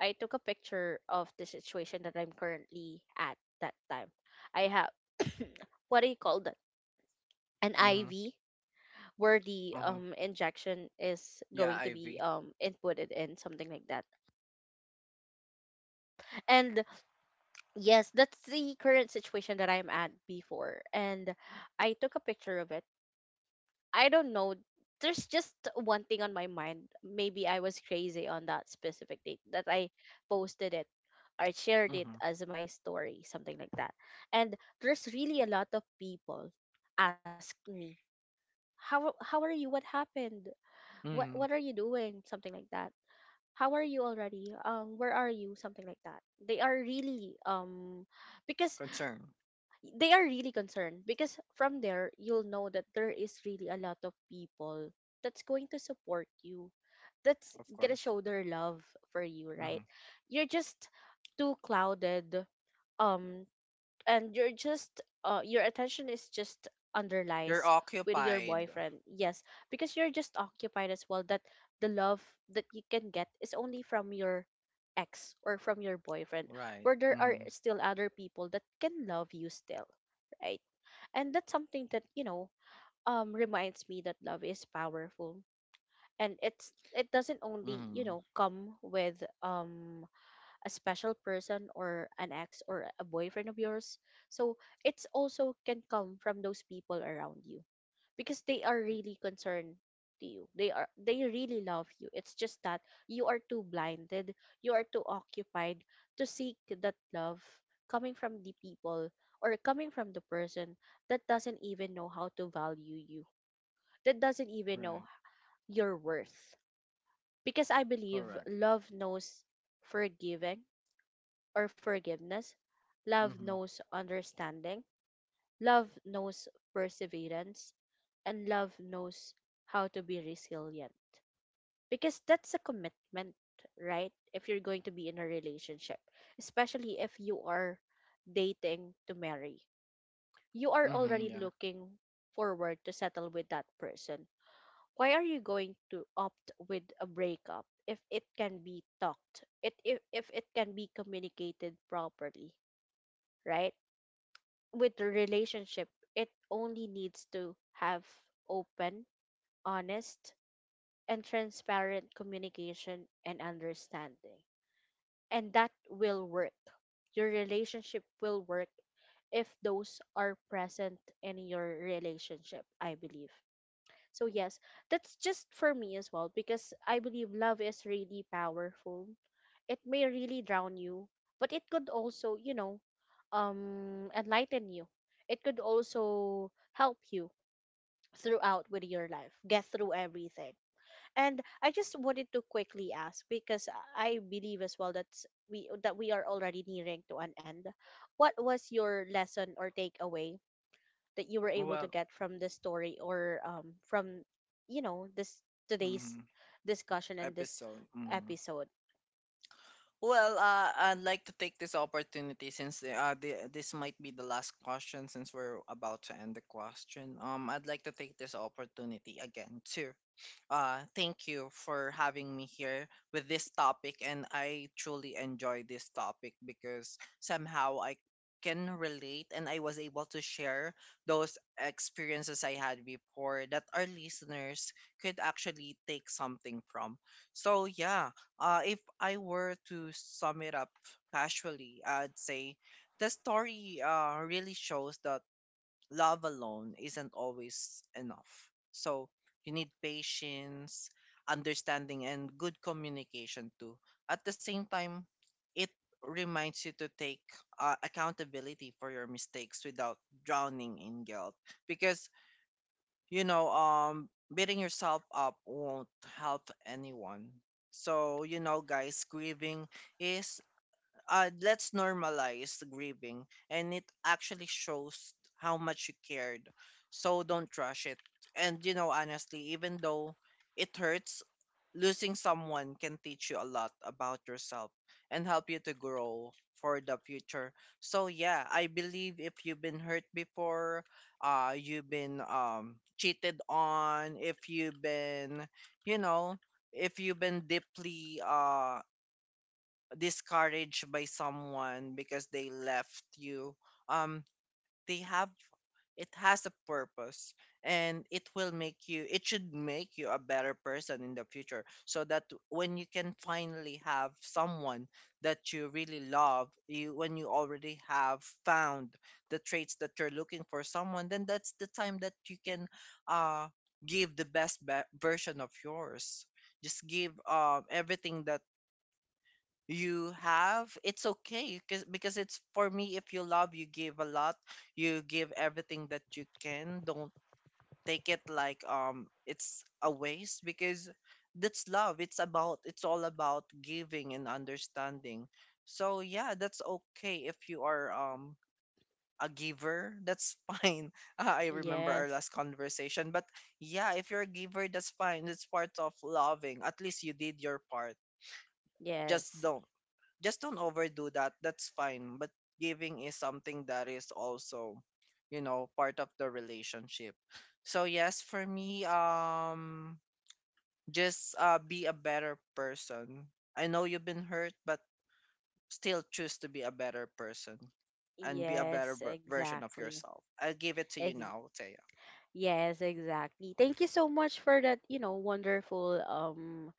Speaker 1: I took a picture of the situation that I'm currently at that time. I have *coughs* what do you call that? An
Speaker 2: Mm-hmm.
Speaker 1: IV, where the
Speaker 2: Uh-huh.
Speaker 1: injection is
Speaker 2: Yeah,
Speaker 1: going to be
Speaker 2: Ivy.
Speaker 1: inputted in, something like that. And yes, that's the current situation that I'm at before. And I took a picture of it. I don't know. There's just one thing on my mind. Maybe I was crazy on that specific date that I posted it or shared it
Speaker 2: Mm-hmm.
Speaker 1: as my story, something like that. And there's really a lot of people ask me, "How are you? What happened? What
Speaker 2: Mm-hmm.
Speaker 1: are you doing?" Something like that. "How are you already? Where are you?" Something like that. They are really because
Speaker 2: Concern,
Speaker 1: they are really concerned because from there you'll know that there is really a lot of people that's going to support you, that's
Speaker 2: of
Speaker 1: gonna
Speaker 2: course.
Speaker 1: show their love for you,
Speaker 2: Mm-hmm.
Speaker 1: right? You're just too clouded, um and you're just your attention is just
Speaker 2: You're
Speaker 1: underlies with your
Speaker 2: occupied.
Speaker 1: boyfriend, yes, because you're just occupied as well, that the love that you can get is only from your ex or from your boyfriend,
Speaker 2: Right.
Speaker 1: where there
Speaker 2: Mm-hmm.
Speaker 1: are still other people that can love you still, right? And that's something that, you know, reminds me that love is powerful, and it doesn't only, you
Speaker 2: Mm-hmm.
Speaker 1: know, come with a special person or an ex or a boyfriend of yours. So it's also can come from those people around you, because they are really concerned to you. They are they really love you. It's just that you are too blinded, you are too occupied to seek that love coming from the people or coming from the person that doesn't even know how to value you. That doesn't even
Speaker 2: Right.
Speaker 1: know your worth. Because I believe
Speaker 2: Correct.
Speaker 1: love knows forgiving or forgiveness. Love
Speaker 2: Mm-hmm.
Speaker 1: knows understanding. Love knows perseverance. And love knows how to be resilient. Because that's a commitment, right? If you're going to be in a relationship, especially if you are dating to marry, you are
Speaker 2: Mm-hmm.
Speaker 1: already
Speaker 2: Yeah.
Speaker 1: looking forward to settle with that person. Why are you going to opt with a breakup if it can be talked, it if it can be communicated properly, right? With the relationship, it only needs to have open, honest, and transparent communication and understanding. And that will work. Your relationship will work if those are present in your relationship, I believe. So, yes, that's just for me as well, because I believe love is really powerful. It may really drown you, but it could also, you know, enlighten you. It could also help you throughout with your life, get through everything. And I just wanted to quickly ask because I believe as well that we are already nearing to an end. What was your lesson or takeaway that you were able to
Speaker 2: Well,
Speaker 1: get from this story, or from, you know, this today's
Speaker 2: mm-hmm.
Speaker 1: discussion and this
Speaker 2: Episode. Mm-hmm.
Speaker 1: episode?
Speaker 2: Well, I'd like to take this opportunity since this might be the last question since we're about to end the question. I'd like to take this opportunity again to thank you for having me here with this topic, and I truly enjoy this topic because somehow I can relate and I was able to share those experiences I had before that our listeners could actually take something from. So yeah, if I were to sum it up casually, I'd say the story really shows that love alone isn't always enough. So you need patience, understanding, and good communication too. At the same time, it reminds you to take accountability for your mistakes without drowning in guilt, because you know, beating yourself up won't help anyone. So, you know, guys, grieving is, let's normalize grieving. And it actually shows how much you cared. So don't rush it. And, you know, honestly, even though it hurts, losing someone can teach you a lot about yourself and help you to grow for the future. So yeah, I believe if you've been hurt before, you've been cheated on, if you've been, you know, if you've been deeply discouraged by someone because they left you, um they have, it has a purpose, and it should make you a better person in the future, so that when you can finally have someone that you really love, you, when you already have found the traits that you're looking for someone, then that's the time that you can uh give the best version of yours. Just give everything that you have. It's okay, because it's for me, if you love, you give a lot, you give everything that you can. Don't take it like, it's a waste, because that's love. It's about, it's all about giving and understanding. So yeah, that's okay if you are, a giver, that's *laughs* fine. I remember our
Speaker 1: Yes.
Speaker 2: last conversation, but yeah, if you're a giver, that's fine. It's part of loving. At least you did your part. just
Speaker 1: Yes.
Speaker 2: don't just don't overdo that. That's fine. But giving is something that is also, you know, part of the relationship. So yes, for me, just be a better person. I know you've been hurt, but still choose to be a better person and be a better
Speaker 1: Yes,
Speaker 2: version of
Speaker 1: exactly.
Speaker 2: yourself. I'll give it to you
Speaker 1: Ex-
Speaker 2: now, Taya.
Speaker 1: yes, exactly. Thank you so much for that, you know, wonderful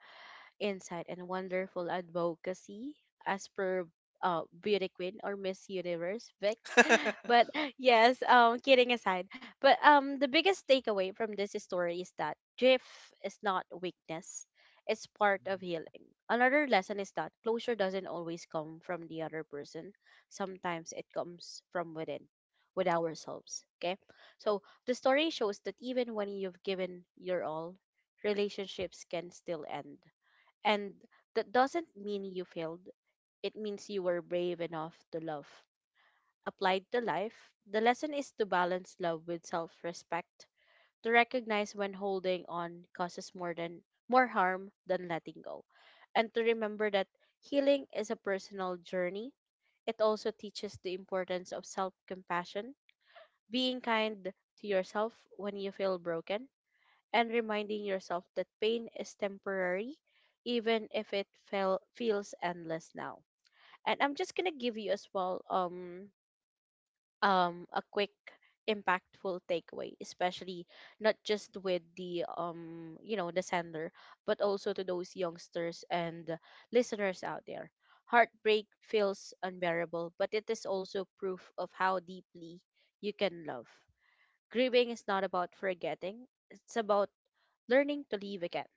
Speaker 1: insight and wonderful advocacy as per beauty queen or Miss Universe Vic.
Speaker 2: *laughs*
Speaker 1: But *laughs* yes, kidding aside, but the biggest takeaway from this story is that drift is not weakness; it's part of healing. Another lesson is that closure doesn't always come from the other person. Sometimes it comes from within, with ourselves. Okay, so the story shows that even when you've given your all, relationships can still end, and that doesn't mean you failed. It means you were brave enough to love. Applied to life, the lesson is to balance love with self respect, to recognize when holding on causes more harm than letting go, and to remember that healing is a personal journey. It also teaches the importance of self compassion, being kind to yourself when you feel broken, and reminding yourself that pain is temporary, even if feels endless now. And I'm just gonna give you as well a quick impactful takeaway, especially not just with the you know, the sender, but also to those youngsters and listeners out there. Heartbreak feels unbearable, but it is also proof of how deeply you can love. Grieving is not about forgetting, it's about learning to live again,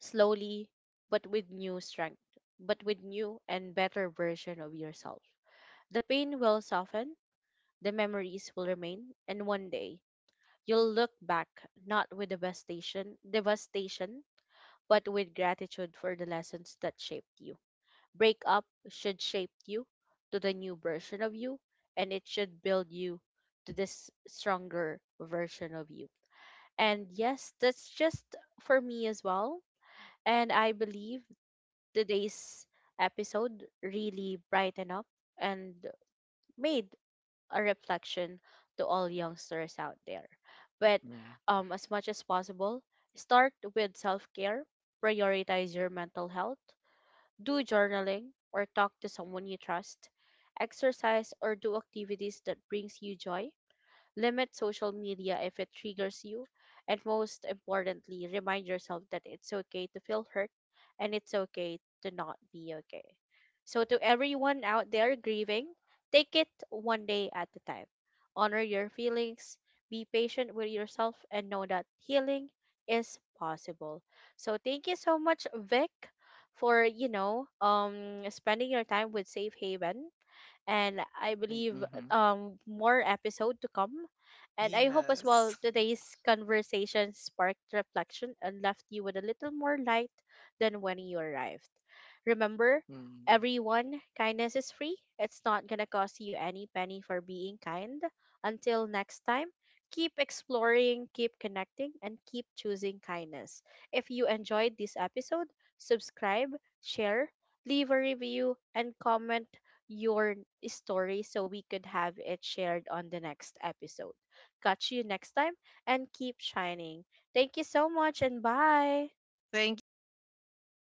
Speaker 1: slowly but with new strength, but with new and better version of yourself. The pain will soften, the memories will remain, and one day you'll look back not with devastation, but with gratitude for the lessons that shaped you. Breakup should shape you to the new version of you, and it should build you to this stronger version of you. And yes, that's just for me as well. And I believe today's episode really brightened up and made a reflection to all youngsters out there. But
Speaker 2: Yeah.
Speaker 1: as much as possible, start with self care, prioritize your mental health, do journaling or talk to someone you trust, exercise or do activities that brings you joy, limit social media if it triggers you. And most importantly, remind yourself that it's okay to feel hurt, and it's okay to not be okay. So, to everyone out there grieving, take it one day at a time. Honor your feelings, be patient with yourself, and know that healing is possible. So, thank you so much, Vic, for, you know, spending your time with Safe Haven, and I believe
Speaker 2: Mm-hmm.
Speaker 1: more episode to come. And I hope as well
Speaker 2: Yes. *laughs*
Speaker 1: today's conversation sparked reflection and left you with a little more light than when you arrived. Remember,
Speaker 2: Mm.
Speaker 1: everyone, kindness is free. It's not gonna cost you any penny for being kind. Until next time, keep exploring, keep connecting, and keep choosing kindness. If you enjoyed this episode, subscribe, share, leave a review, and comment your story so we could have it shared on the next episode. Catch you next time and keep shining. Thank you so much and bye.
Speaker 2: Thank you, thank you.